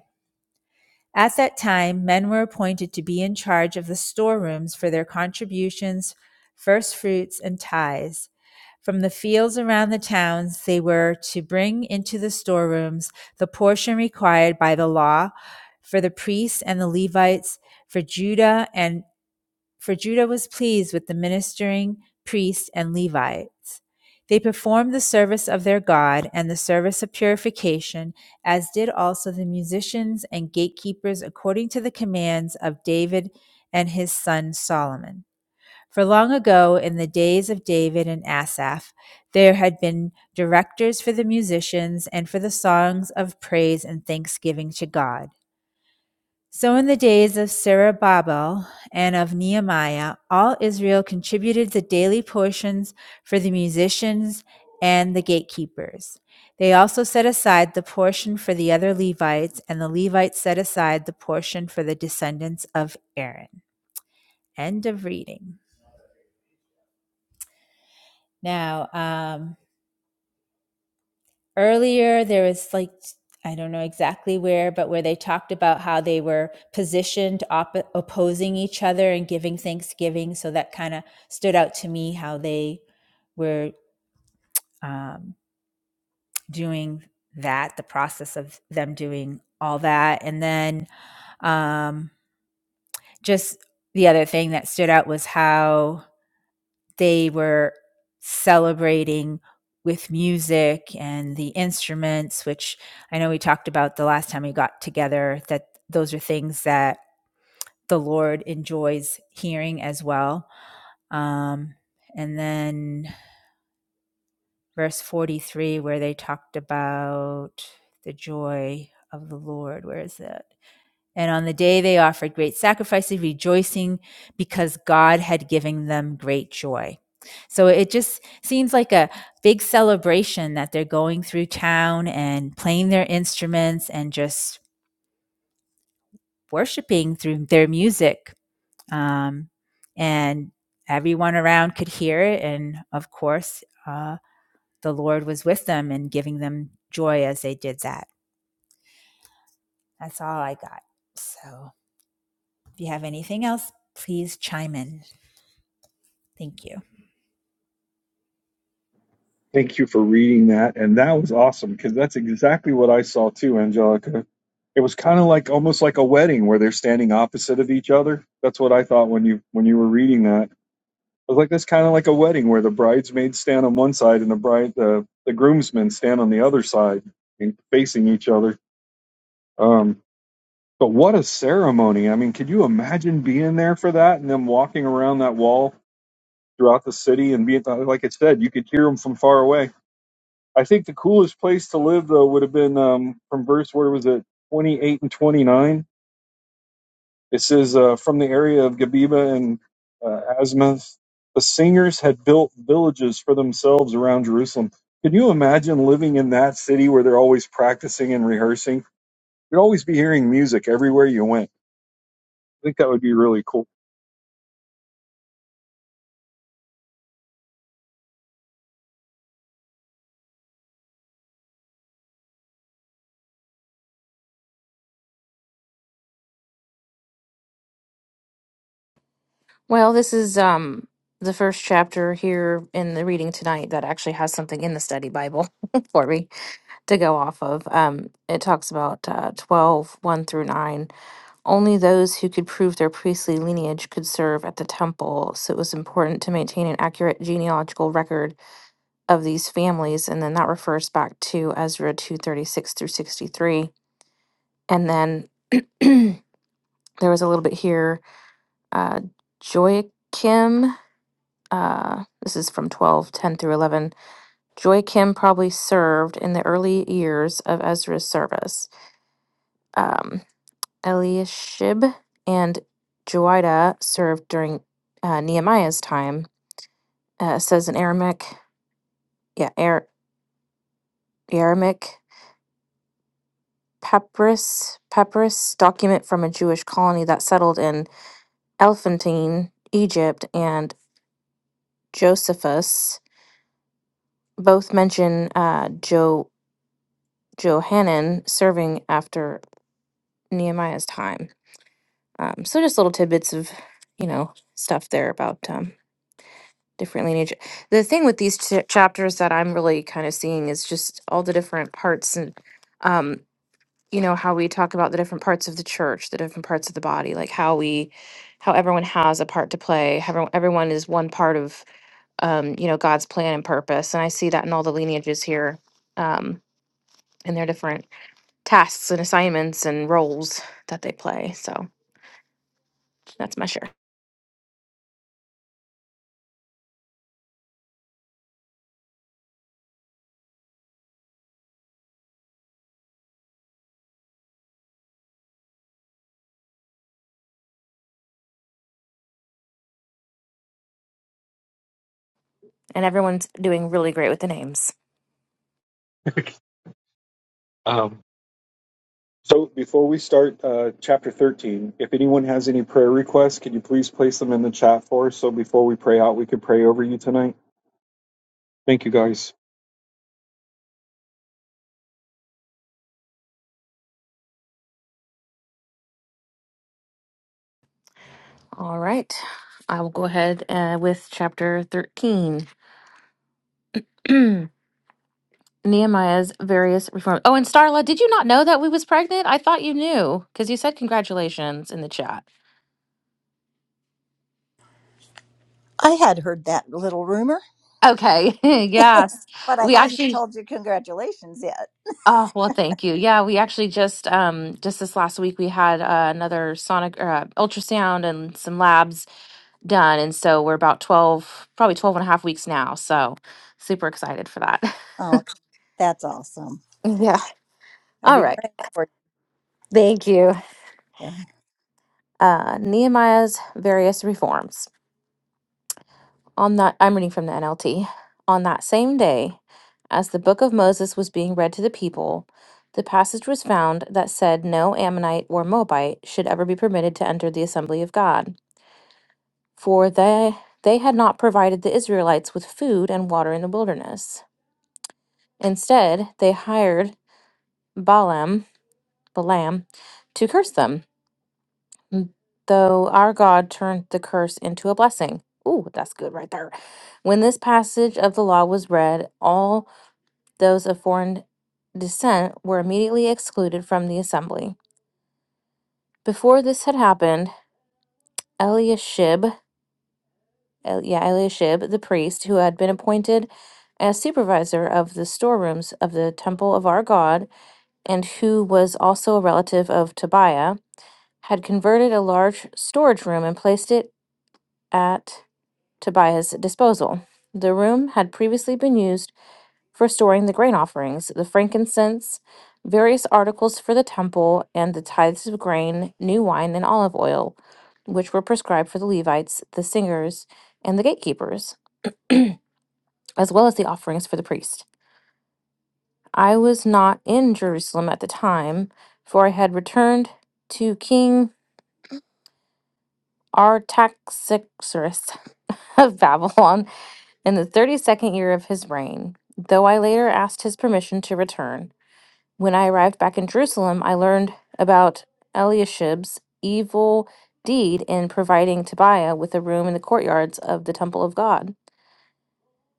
E: At that time, men were appointed to be in charge of the storerooms for their contributions, first fruits, and tithes. From the fields around the towns, they were to bring into the storerooms the portion required by the law for the priests and the Levites, for Judah and for Judah was pleased with the ministering priests and Levites. They performed the service of their God and the service of purification, as did also the musicians and gatekeepers according to the commands of David and his son Solomon. For long ago, in the days of David and Asaph, there had been directors for the musicians and for the songs of praise and thanksgiving to God. So in the days of Zerubbabel and of Nehemiah, all Israel contributed the daily portions for the musicians and the gatekeepers. They also set aside the portion for the other Levites, and the Levites set aside the portion for the descendants of Aaron. End of reading. Now, um, earlier there was like i don't know exactly where but where they talked about how they were positioned op- opposing each other and giving thanksgiving so that kind of stood out to me how they were um, doing that the process of them doing all that and then um, just the other thing that stood out was how they were celebrating with music and the instruments, which I know we talked about the last time we got together, that those are things that the Lord enjoys hearing as well. Um, and then verse 43, where they talked about the joy of the Lord. Where is that? And on the day they offered great sacrifices, rejoicing because God had given them great joy. So it just seems like a big celebration that they're going through town and playing their instruments and just worshiping through their music. Um, and everyone around could hear it. And of course, uh, the Lord was with them and giving them joy as they did that. That's all I got. So if you have anything else, please chime in. Thank you.
A: Thank you for reading that. And that was awesome because that's exactly what I saw too, Angelica. It was kind of like almost like a wedding where they're standing opposite of each other. That's what I thought when you when you were reading that. I was like, that's kind of like a wedding where the bridesmaids stand on one side and the bride the, the groomsmen stand on the other side and facing each other. Um, But what a ceremony. I mean, could you imagine being there for that and them walking around that wall throughout the city and being, uh, like it said, you could hear them from far away. I think the coolest place to live, though, would have been um, from verse, where was it, 28 and 29. It says, uh, from the area of Gabiba and uh, Asmath, the singers had built villages for themselves around Jerusalem. Can you imagine living in that city where they're always practicing and rehearsing? You'd always be hearing music everywhere you went. I think that would be really cool.
F: Well, this is um the first chapter here in the reading tonight that actually has something in the study Bible for me. to go off of. Um, it talks about uh, 12, one through 9. Only those who could prove their priestly lineage could serve at the temple, so it was important to maintain an accurate genealogical record of these families, and then that refers back to Ezra 236 through 63. And then there was a little bit here, uh, Joachim, uh, this is from 12 10 through 11. Joachim probably served in the early years of Ezra's service. Um, Eliashib and Joiada served during uh, Nehemiah's time. Uh, it says in Aramaic, yeah, Ar- Aramaic papyrus papyrus document from a Jewish colony that settled in Elephantine, Egypt, and Josephus both mention uh, jo- Johanan serving after Nehemiah's time. Um, so just little tidbits of you know stuff there about um, different lineage. The thing with these ch- chapters that I'm really kind of seeing is just all the different parts and um you know how we talk about the different parts of the church, the different parts of the body, like how we how everyone has a part to play, how everyone everyone is one part of um you know God's plan and purpose. And I see that in all the lineages here um and their different tasks and assignments and roles that they play. So that's my share. And everyone's doing really great with the names.
A: Um, so before we start uh, chapter 13, if anyone has any prayer requests, can you please place them in the chat for us? So before we pray out, we can pray over you tonight. Thank you guys.
F: All right. I will go ahead uh, with chapter 13. Nehemiah's various reforms. Oh, and Starla, did you not know that we was pregnant? I thought you knew because you said congratulations in the chat.
C: I had heard that little rumor,
F: Okay. yes.
C: but I
F: We
C: hadn't
F: actually
C: told you congratulations yet.
F: Oh, well, thank you. Yeah, we actually just um just this last week we had uh, another sonic uh, ultrasound and some labs done and so we're about 12 probably 12 and a half weeks now. So, super excited for that.
C: Oh, c- that's awesome.
F: Yeah.
C: I'll
F: All
C: be
F: right.
C: praying for
F: Thank you.
C: you. Okay.
F: uh, Nehemiah's various reforms. On that, I'm reading from the NLT. On that same day, as the book of Moses was being read to the people, the passage was found that said no Ammonite or Moabite should ever be permitted to enter the assembly of God, for they they had not provided the Israelites with food and water in the wilderness. Instead, they hired Balaam, Balaam, to curse them. Mm. Though our God turned the curse into a blessing. Ooh, that's good right there. When this passage of the law was read, all those of foreign descent were immediately excluded from the assembly. Before this had happened, Eliashib, El- yeah, Eliashib, the priest who had been appointed as supervisor of the storerooms of the temple of our God, and who was also a relative of Tobiah, had converted a large storage room and placed it at Tobiah's disposal. The room had previously been used for storing the grain offerings, the frankincense, various articles for the temple, and the tithes of grain, new wine, and olive oil, which were prescribed for the Levites, the singers, and the gatekeepers, as well as the offerings for the priest. I was not in Jerusalem at the time, for I had returned to King Artaxerxes of Babylon In the thirty second year of his reign, though I later asked his permission to return, when I arrived back in Jerusalem, I learned about Eliashib's evil deed in providing Tobiah with a room in the courtyards of the temple of God.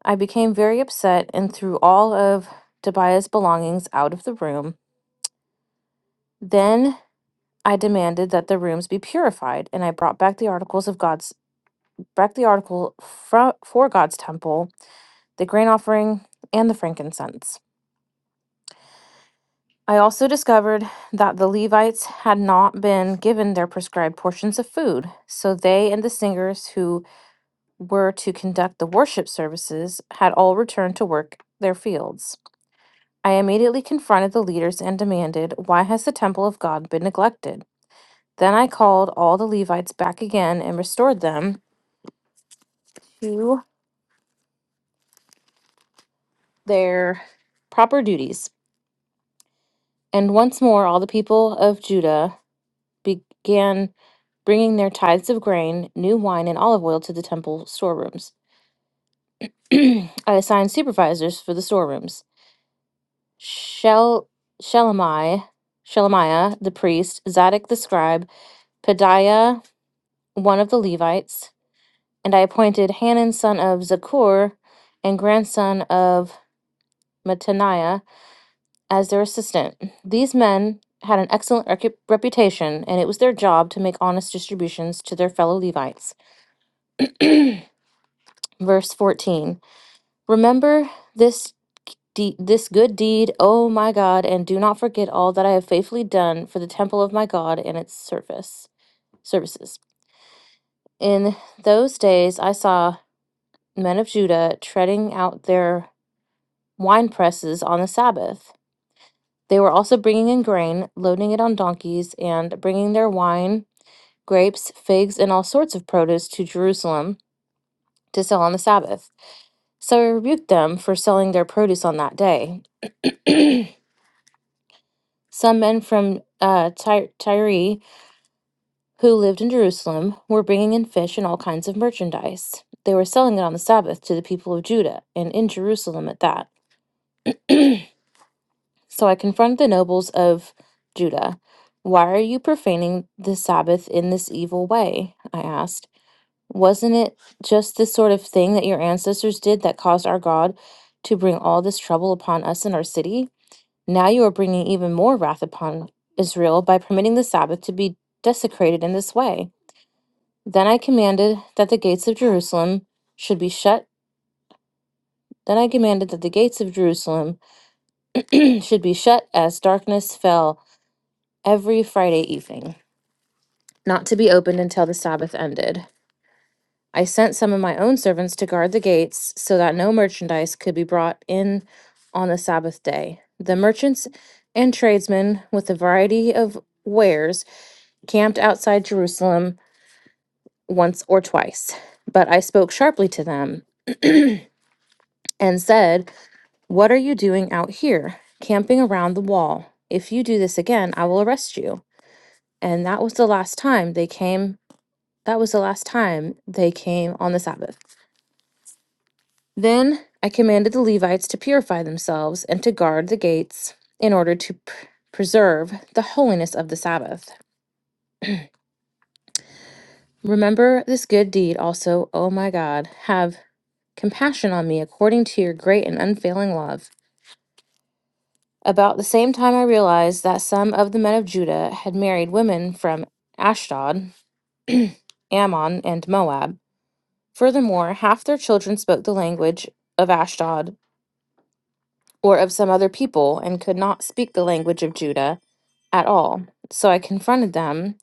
F: I became very upset and threw all of Tobiah's belongings out of the room. Then I demanded that the rooms be purified, and I brought back the articles of God's back the article for, for God's temple, the grain offering, and the frankincense. I also discovered that the Levites had not been given their prescribed portions of food, so they and the singers who were to conduct the worship services had all returned to work their fields. I immediately confronted the leaders and demanded, Why has the temple of God been neglected? Then I called all the Levites back again and restored them to their proper duties. And once more, all the people of Judah began bringing their tithes of grain, new wine, and olive oil to the temple storerooms. I assigned supervisors for the storerooms. Shel- Shelemiah, Shelemiah the priest, Zadok the scribe, Padiah, one of the Levites, and I appointed Hanan son of Zakur and grandson of Mattaniah as their assistant. These men had an excellent recu- reputation, and it was their job to make honest distributions to their fellow Levites. verse 14 remember this de- this good deed o my god and do not forget all that i have faithfully done for the temple of my god and its service services in those days i saw men of judah treading out their wine presses on the sabbath they were also bringing in grain loading it on donkeys and bringing their wine grapes figs and all sorts of produce to jerusalem to sell on the sabbath so i rebuked them for selling their produce on that day Some men from uh, Ty- Tyre, who lived in Jerusalem, were bringing in fish and all kinds of merchandise. They were selling it on the Sabbath to the people of Judah, and in Jerusalem at that. So I confronted the nobles of Judah. Why are you profaning the Sabbath in this evil way? I asked. Wasn't it just this sort of thing that your ancestors did that caused our God to bring all this trouble upon us and our city? Now you are bringing even more wrath upon Israel by permitting the Sabbath to be desecrated in this way. Then I commanded that the gates of Jerusalem should be shut. Then I commanded that the gates of Jerusalem should be shut as darkness fell every Friday evening, not to be opened until the Sabbath ended. I sent some of my own servants to guard the gates so that no merchandise could be brought in on the Sabbath day. The merchants and tradesmen with a variety of wares camped outside Jerusalem once or twice. But I spoke sharply to them and said, What are you doing out here, camping around the wall? If you do this again, I will arrest you. And that was the last time they came. That was the last time they came on the Sabbath. Then I commanded the Levites to purify themselves and to guard the gates in order to p- preserve the holiness of the Sabbath. Remember this good deed also, O my God. Have compassion on me according to your great and unfailing love. About the same time, I realized that some of the men of Judah had married women from Ashdod, Ammon, and Moab. Furthermore, half their children spoke the language of Ashdod or of some other people and could not speak the language of Judah at all. So I confronted them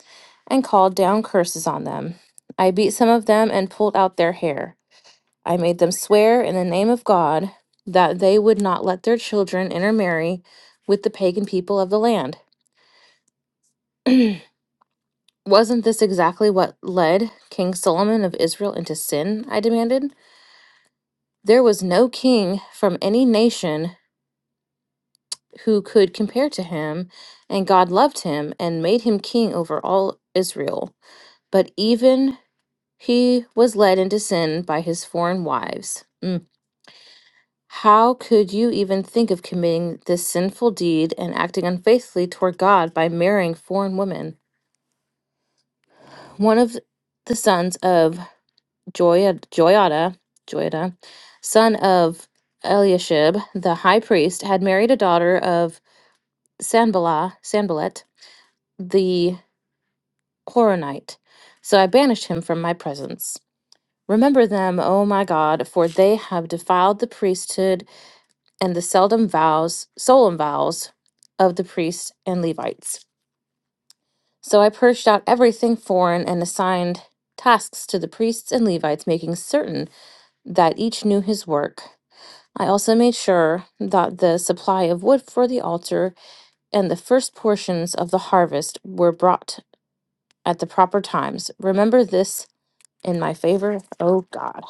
F: and called down curses on them. I beat some of them and pulled out their hair. I made them swear in the name of God that they would not let their children intermarry with the pagan people of the land. Wasn't this exactly what led King Solomon of Israel into sin? I demanded. There was no king from any nation who could compare to him, and God loved him and made him king over all Israel. But even he was led into sin by his foreign wives. Mm. How could you even think of committing this sinful deed and acting unfaithfully toward God by marrying foreign women? One of the sons of Joia, Joiada, Joiada, son of Eliashib, the high priest, had married a daughter of Sanballat, Sanballat, the Horonite. So I banished him from my presence. Remember them, O my God, for they have defiled the priesthood and the seldom vows, solemn vows of the priests and Levites. So I purged out everything foreign and assigned tasks to the priests and Levites, making certain that each knew his work. I also made sure that the supply of wood for the altar and the first portions of the harvest were brought at the proper times. Remember this in my favor, O God.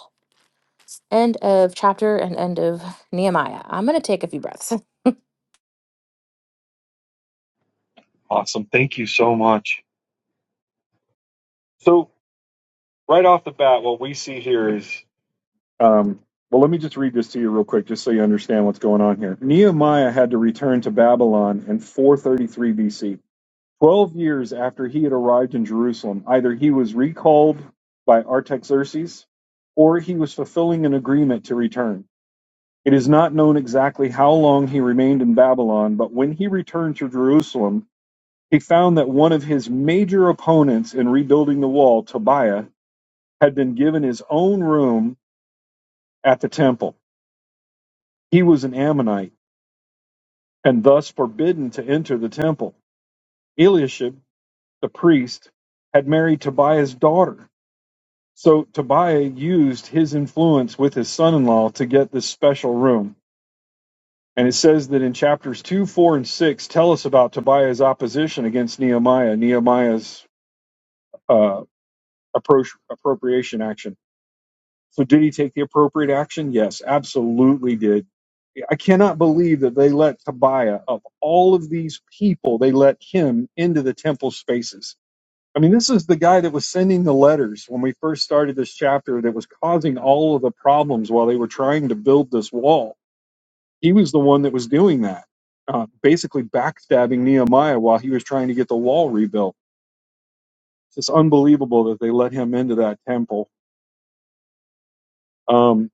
F: End of chapter and end of Nehemiah. I'm going to take a few breaths.
A: Awesome. Thank you so much. So right off the bat, what we see here is. Um, well, let me just read this to you real quick, just so you understand what's going on here. Nehemiah had to return to Babylon in 433 BC. Twelve years after he had arrived in Jerusalem, either he was recalled by Artaxerxes or he was fulfilling an agreement to return. It is not known exactly how long he remained in Babylon, but when he returned to Jerusalem, he found that one of his major opponents in rebuilding the wall, Tobiah, had been given his own room at the temple. He was an Ammonite and thus forbidden to enter the temple. Eliashib, the priest, had married Tobiah's daughter So Tobiah used his influence with his son in law to get this special room. And it says that in chapters 2, 4, and 6 tell us about Tobiah's opposition against Nehemiah, Nehemiah's uh, approach, appropriation action. So did he take the appropriate action? Yes, absolutely did. I cannot believe that they let Tobiah, of all of these people, they let him into the temple spaces I mean, this is the guy that was sending the letters when we first started this chapter that was causing all of the problems while they were trying to build this wall. He was the one that was doing that, uh, basically backstabbing Nehemiah while he was trying to get the wall rebuilt. It's unbelievable that they let him into that temple. Um,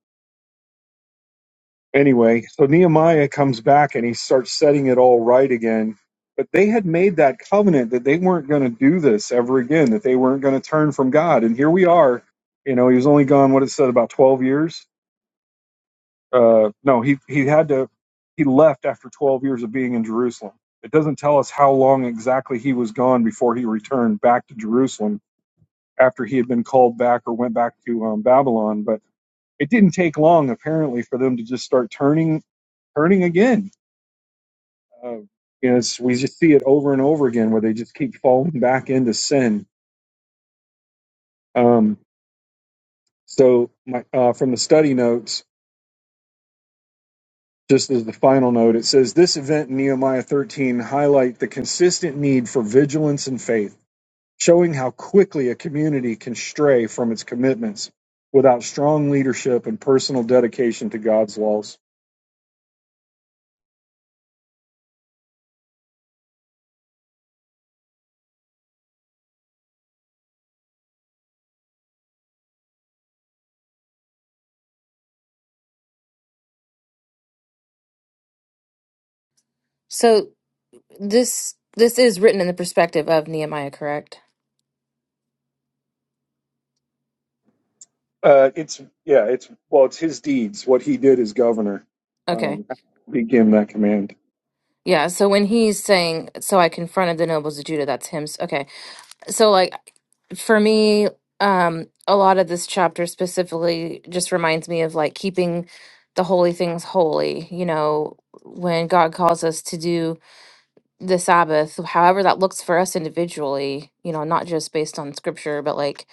A: Anyway, so Nehemiah comes back and he starts setting it all right again. But they had made that covenant that they weren't going to do this ever again, that they weren't going to turn from God. And here we are. You know, he was only gone, what it said, about 12 years. Uh, no, he, he had to, he left after 12 years of being in Jerusalem. It doesn't tell us how long exactly he was gone before he returned back to Jerusalem after he had been called back or went back to um, Babylon. But it didn't take long, apparently, for them to just start turning, turning again Um, you know, it's, we just see it over and over again where they just keep falling back into sin. Um, so, my, uh, from the study notes, just as the final note, it says this event in Nehemiah 13 highlight the consistent need for vigilance and faith, showing how quickly a community can stray from its commitments without strong leadership and personal dedication to God's laws.
F: So this this is written in the perspective of Nehemiah, correct?
A: Uh, it's yeah, it's well, it's his deeds. What he did as governor
F: Okay.
A: um, he gave him that command.
F: Yeah, so when he's saying, so I confronted the nobles of Judah, that's him. s- Okay. so like for me um a lot of this chapter specifically just reminds me of like keeping the holy things holy you know when god calls us to do the sabbath however that looks for us individually you know not just based on scripture but like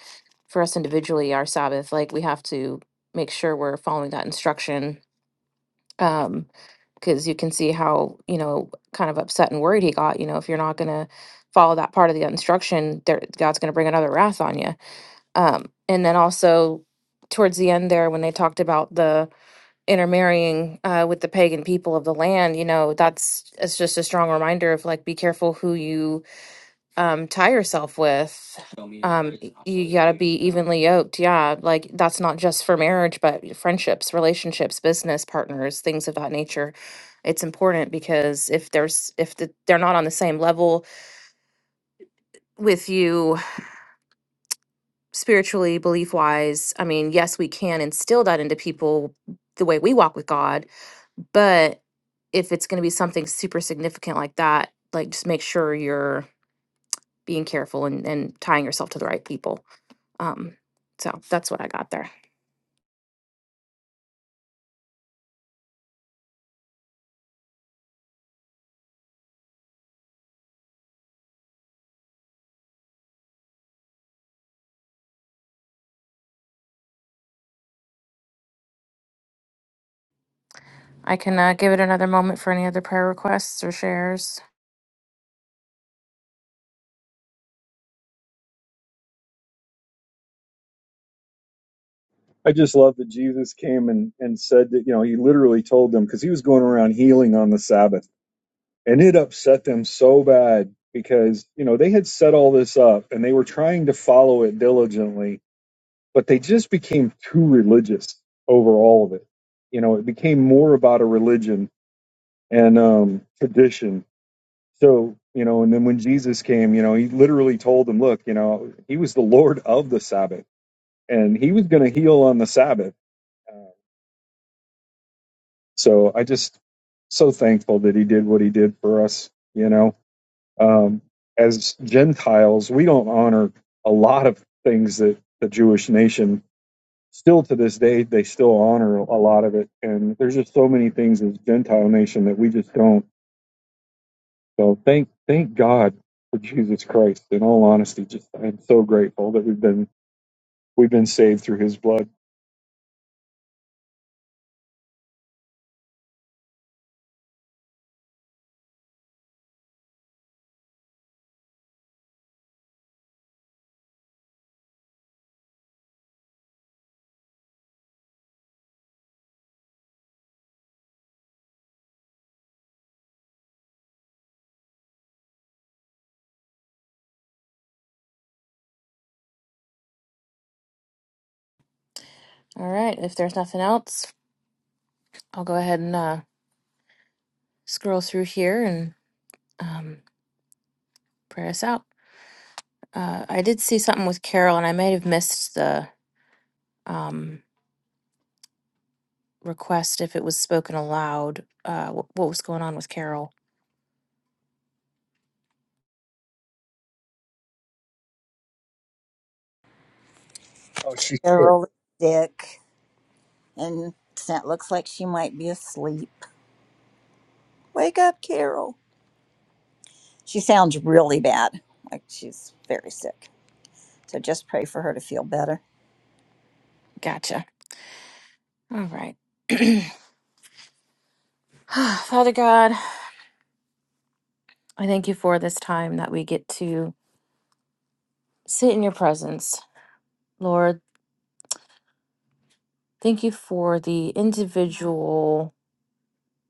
F: for us individually our sabbath like we have to make sure we're following that instruction Um because you can see how you know kind of upset and worried he got you know if you're not going to follow that part of the instruction there god's going to bring another wrath on you um and then also towards the end there when they talked about the intermarrying uh, with the pagan people of the land you know that's it's just a strong reminder of like be careful who you um tie yourself with um you got to be evenly yoked yeah like that's not just for marriage but friendships relationships business partners things of that nature it's important because if there's if the, they're not on the same level with you spiritually belief wise i mean yes we can instill that into people the way we walk with god but if it's going to be something super significant like that like just make sure you're being careful and, and tying yourself to the right people Um, so that's what I got there. I can uh, give it another moment for any other prayer requests or shares.
A: I just love that Jesus came and, and said that, you know, he literally told them because he was going around healing on the Sabbath. And it upset them so bad because, you know, they had set all this up and they were trying to follow it diligently, but they just became too religious over all of it. You know, it became more about a religion and um, tradition. So, you know, and then when Jesus came, you know, he literally told them, look, you know, he was the Lord of the Sabbath and he was going to heal on the Sabbath So I just so thankful that he did what he did for us. You know, um, as Gentiles, we don't honor a lot of things that the Jewish nation still to this day they still honor a lot of it. And there's just so many things as Gentile nation that we just don't. So thank thank God for Jesus Christ. In all honesty, just I'm so grateful that we've been we've been saved through His blood.
F: All right, if there's nothing else, I'll go ahead and uh, scroll through here and um, pray us out. Uh, I did see something with Carol, and I might have missed the um, request if it was spoken aloud, uh, wh- what was going on with Carol.
A: Oh, she's sick.
C: Carol is sick, and it looks like she might be asleep. Wake up, Carol. She sounds really bad, like she's very sick. So just pray for her to feel better.
F: Gotcha. All right. Father God, I thank you for this time that we get to sit in your presence. Lord, thank you for the individual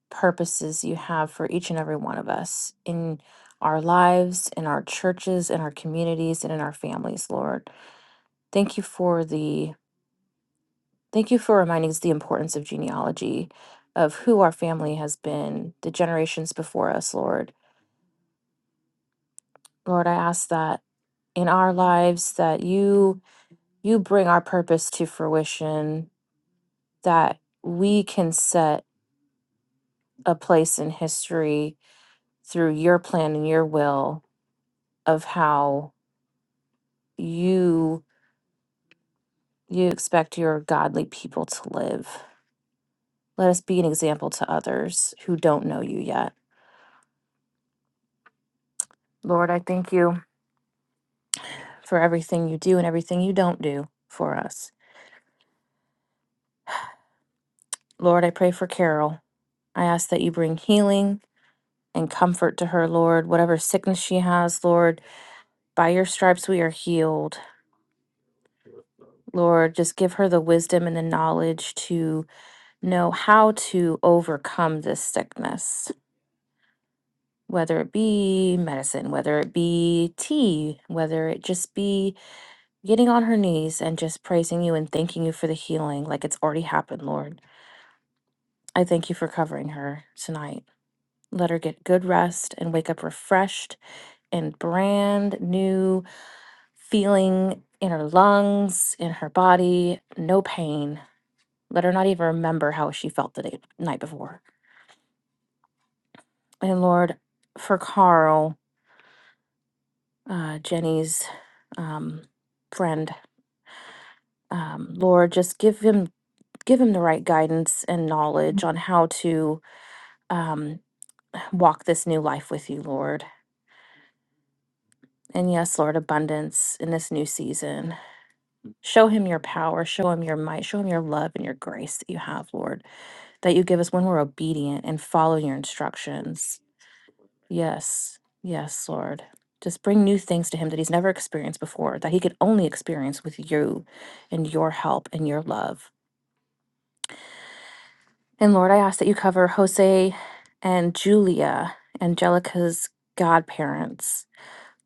F: purposes you have for each and every one of us in our lives, in our churches, in our communities, and in our families, Lord. Thank you for the Thank you for reminding us the importance of genealogy, of who our family has been, the generations before us, Lord. Lord, I ask that in our lives that you you bring our purpose to fruition, that we can set a place in history through your plan and your will of how you you expect your godly people to live. Let us be an example to others who don't know you yet. Lord, I thank you for everything you do and everything you don't do for us. Lord, I pray for Carol. I ask that you bring healing and comfort to her, Lord. Whatever sickness she has, Lord, by your stripes we are healed. Lord, just give her the wisdom and the knowledge to know how to overcome this sickness, whether it be medicine, whether it be tea, whether it just be getting on her knees and just praising you and thanking you for the healing like it's already happened, Lord. I thank you for covering her tonight. Let her get good rest and wake up refreshed and brand new, feeling in her lungs, in her body, no pain. Let her not even remember how she felt the day, night before. And Lord, for Carl, uh, Jenny's um, friend, um, Lord, just give him give him the right guidance and knowledge on how to um, walk this new life with you, Lord And yes, Lord, abundance in this new season. Show him your power, show him your might, show him your love and your grace that you have, Lord, that you give us when we're obedient and follow your instructions. Yes, yes, Lord. Just bring new things to him that he's never experienced before, that he could only experience with you and your help and your love. And Lord, I ask that you cover Jose and Julia, Angelica's godparents,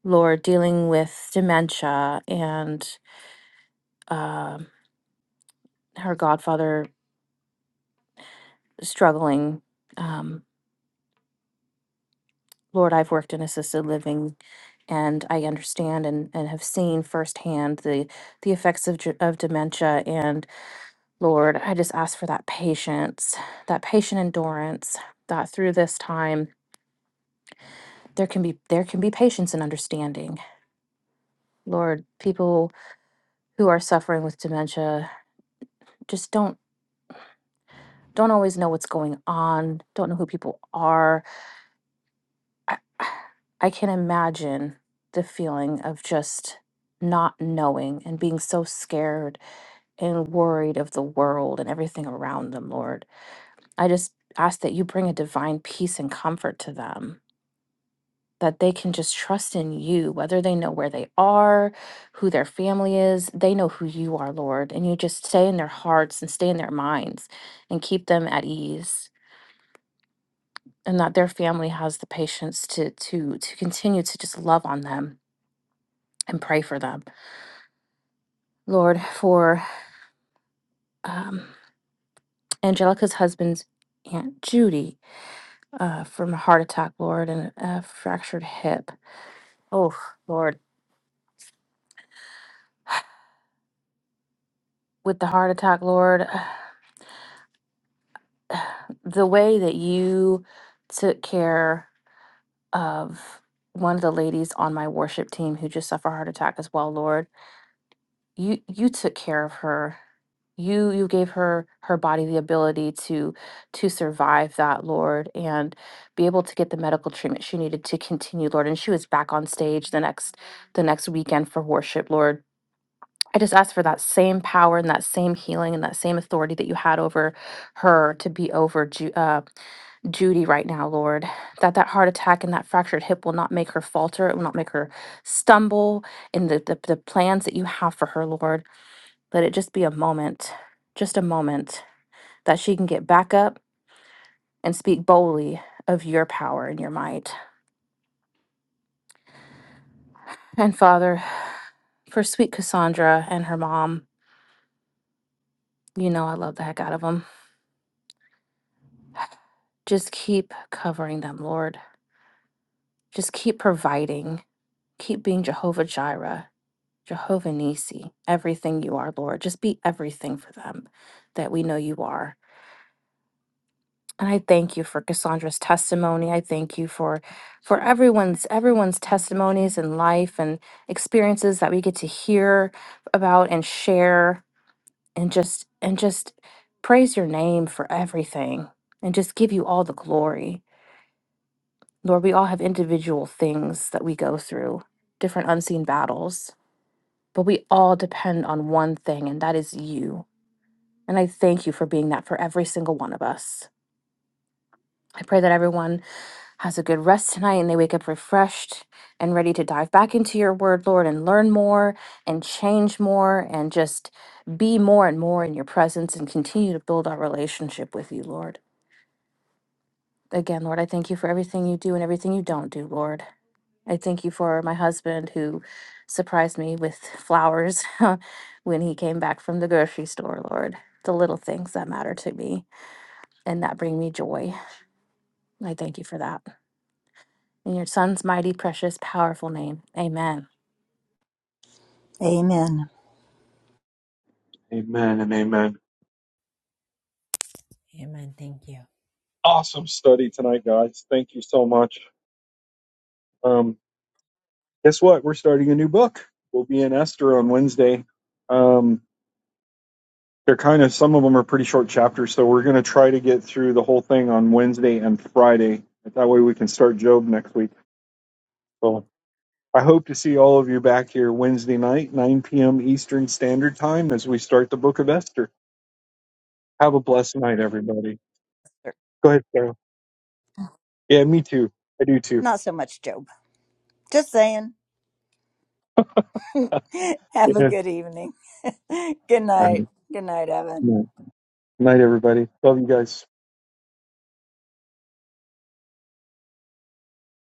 F: Lord, dealing with dementia and uh, her godfather struggling. Um, Lord, I've worked in assisted living, and I understand and, and have seen firsthand the the effects of ge- of dementia. And Lord, I just ask for that patience, that patient endurance. That through this time there can be there can be patience and understanding. Lord, people who are suffering with dementia just don't don't always know what's going on, don't know who people are I, I can imagine the feeling of just not knowing and being so scared and worried of the world and everything around them, Lord. I just ask that you bring a divine peace and comfort to them, that they can just trust in you, whether they know where they are, who their family is, they know who you are, Lord. And you just stay in their hearts and stay in their minds and keep them at ease. And that their family has the patience to to to continue to just love on them and pray for them. Lord, for um, Angelica's husband's Aunt Judy uh, from a heart attack, Lord, and a fractured hip. Oh, Lord, with the heart attack, Lord, the way that you took care of one of the ladies on my worship team who just suffered a heart attack as well, Lord you you took care of her you you gave her her body the ability to to survive that lord and be able to get the medical treatment she needed to continue lord and she was back on stage the next the next weekend for worship lord i just ask for that same power and that same healing and that same authority that you had over her to be over Ju- uh, Judy right now, Lord, that that heart attack and that fractured hip will not make her falter. It will not make her stumble in the, the, the plans that you have for her, Lord. Let it just be a moment, just a moment, that she can get back up and speak boldly of your power and your might. And Father, for sweet Cassandra and her mom, you know I love the heck out of them. Just keep covering them, Lord. Just keep providing. Keep being Jehovah Jireh, Jehovah Nisi, everything you are, Lord. Just be everything for them that we know you are. And I thank you for Cassandra's testimony. I thank you for for everyone's everyone's testimonies and life and experiences that we get to hear about and share and just and just praise your name for everything and just give you all the glory. Lord, we all have individual things that we go through, different unseen battles, but we all depend on one thing and that is you. And I thank you for being that for every single one of us. I pray that everyone has a good rest tonight and they wake up refreshed and ready to dive back into your word, Lord, and learn more and change more and just be more and more in your presence and continue to build our relationship with you, Lord. Again, Lord, I thank you for everything you do and everything you don't do, Lord. I thank you for my husband who surprised me with flowers when he came back from the grocery store, Lord. The little things that matter to me and that bring me joy. I thank you for that. In your son's mighty, precious, powerful name. Amen.
C: Amen.
A: Amen and amen.
E: Amen. Thank you.
A: Awesome study tonight, guys. Thank you so much. Um, guess what? We're starting a new book. We'll be in Esther on Wednesday. Um, they're kind of some of them are pretty short chapters, so we're going to try to get through the whole thing on Wednesday and Friday. That way we can start Job next week. So I hope to see all of you back here Wednesday night, 9 p.m. Eastern Standard Time, as we start the Book of Esther. Have a blessed night, everybody. Go ahead, Sarah. Yeah, me too. I do too.
C: Not so much Job. Just saying. Have a
A: Yeah.
C: good evening. good
A: All
C: night.
A: right.
C: Good night, Evan.
A: Yeah. Night, everybody. Love you guys.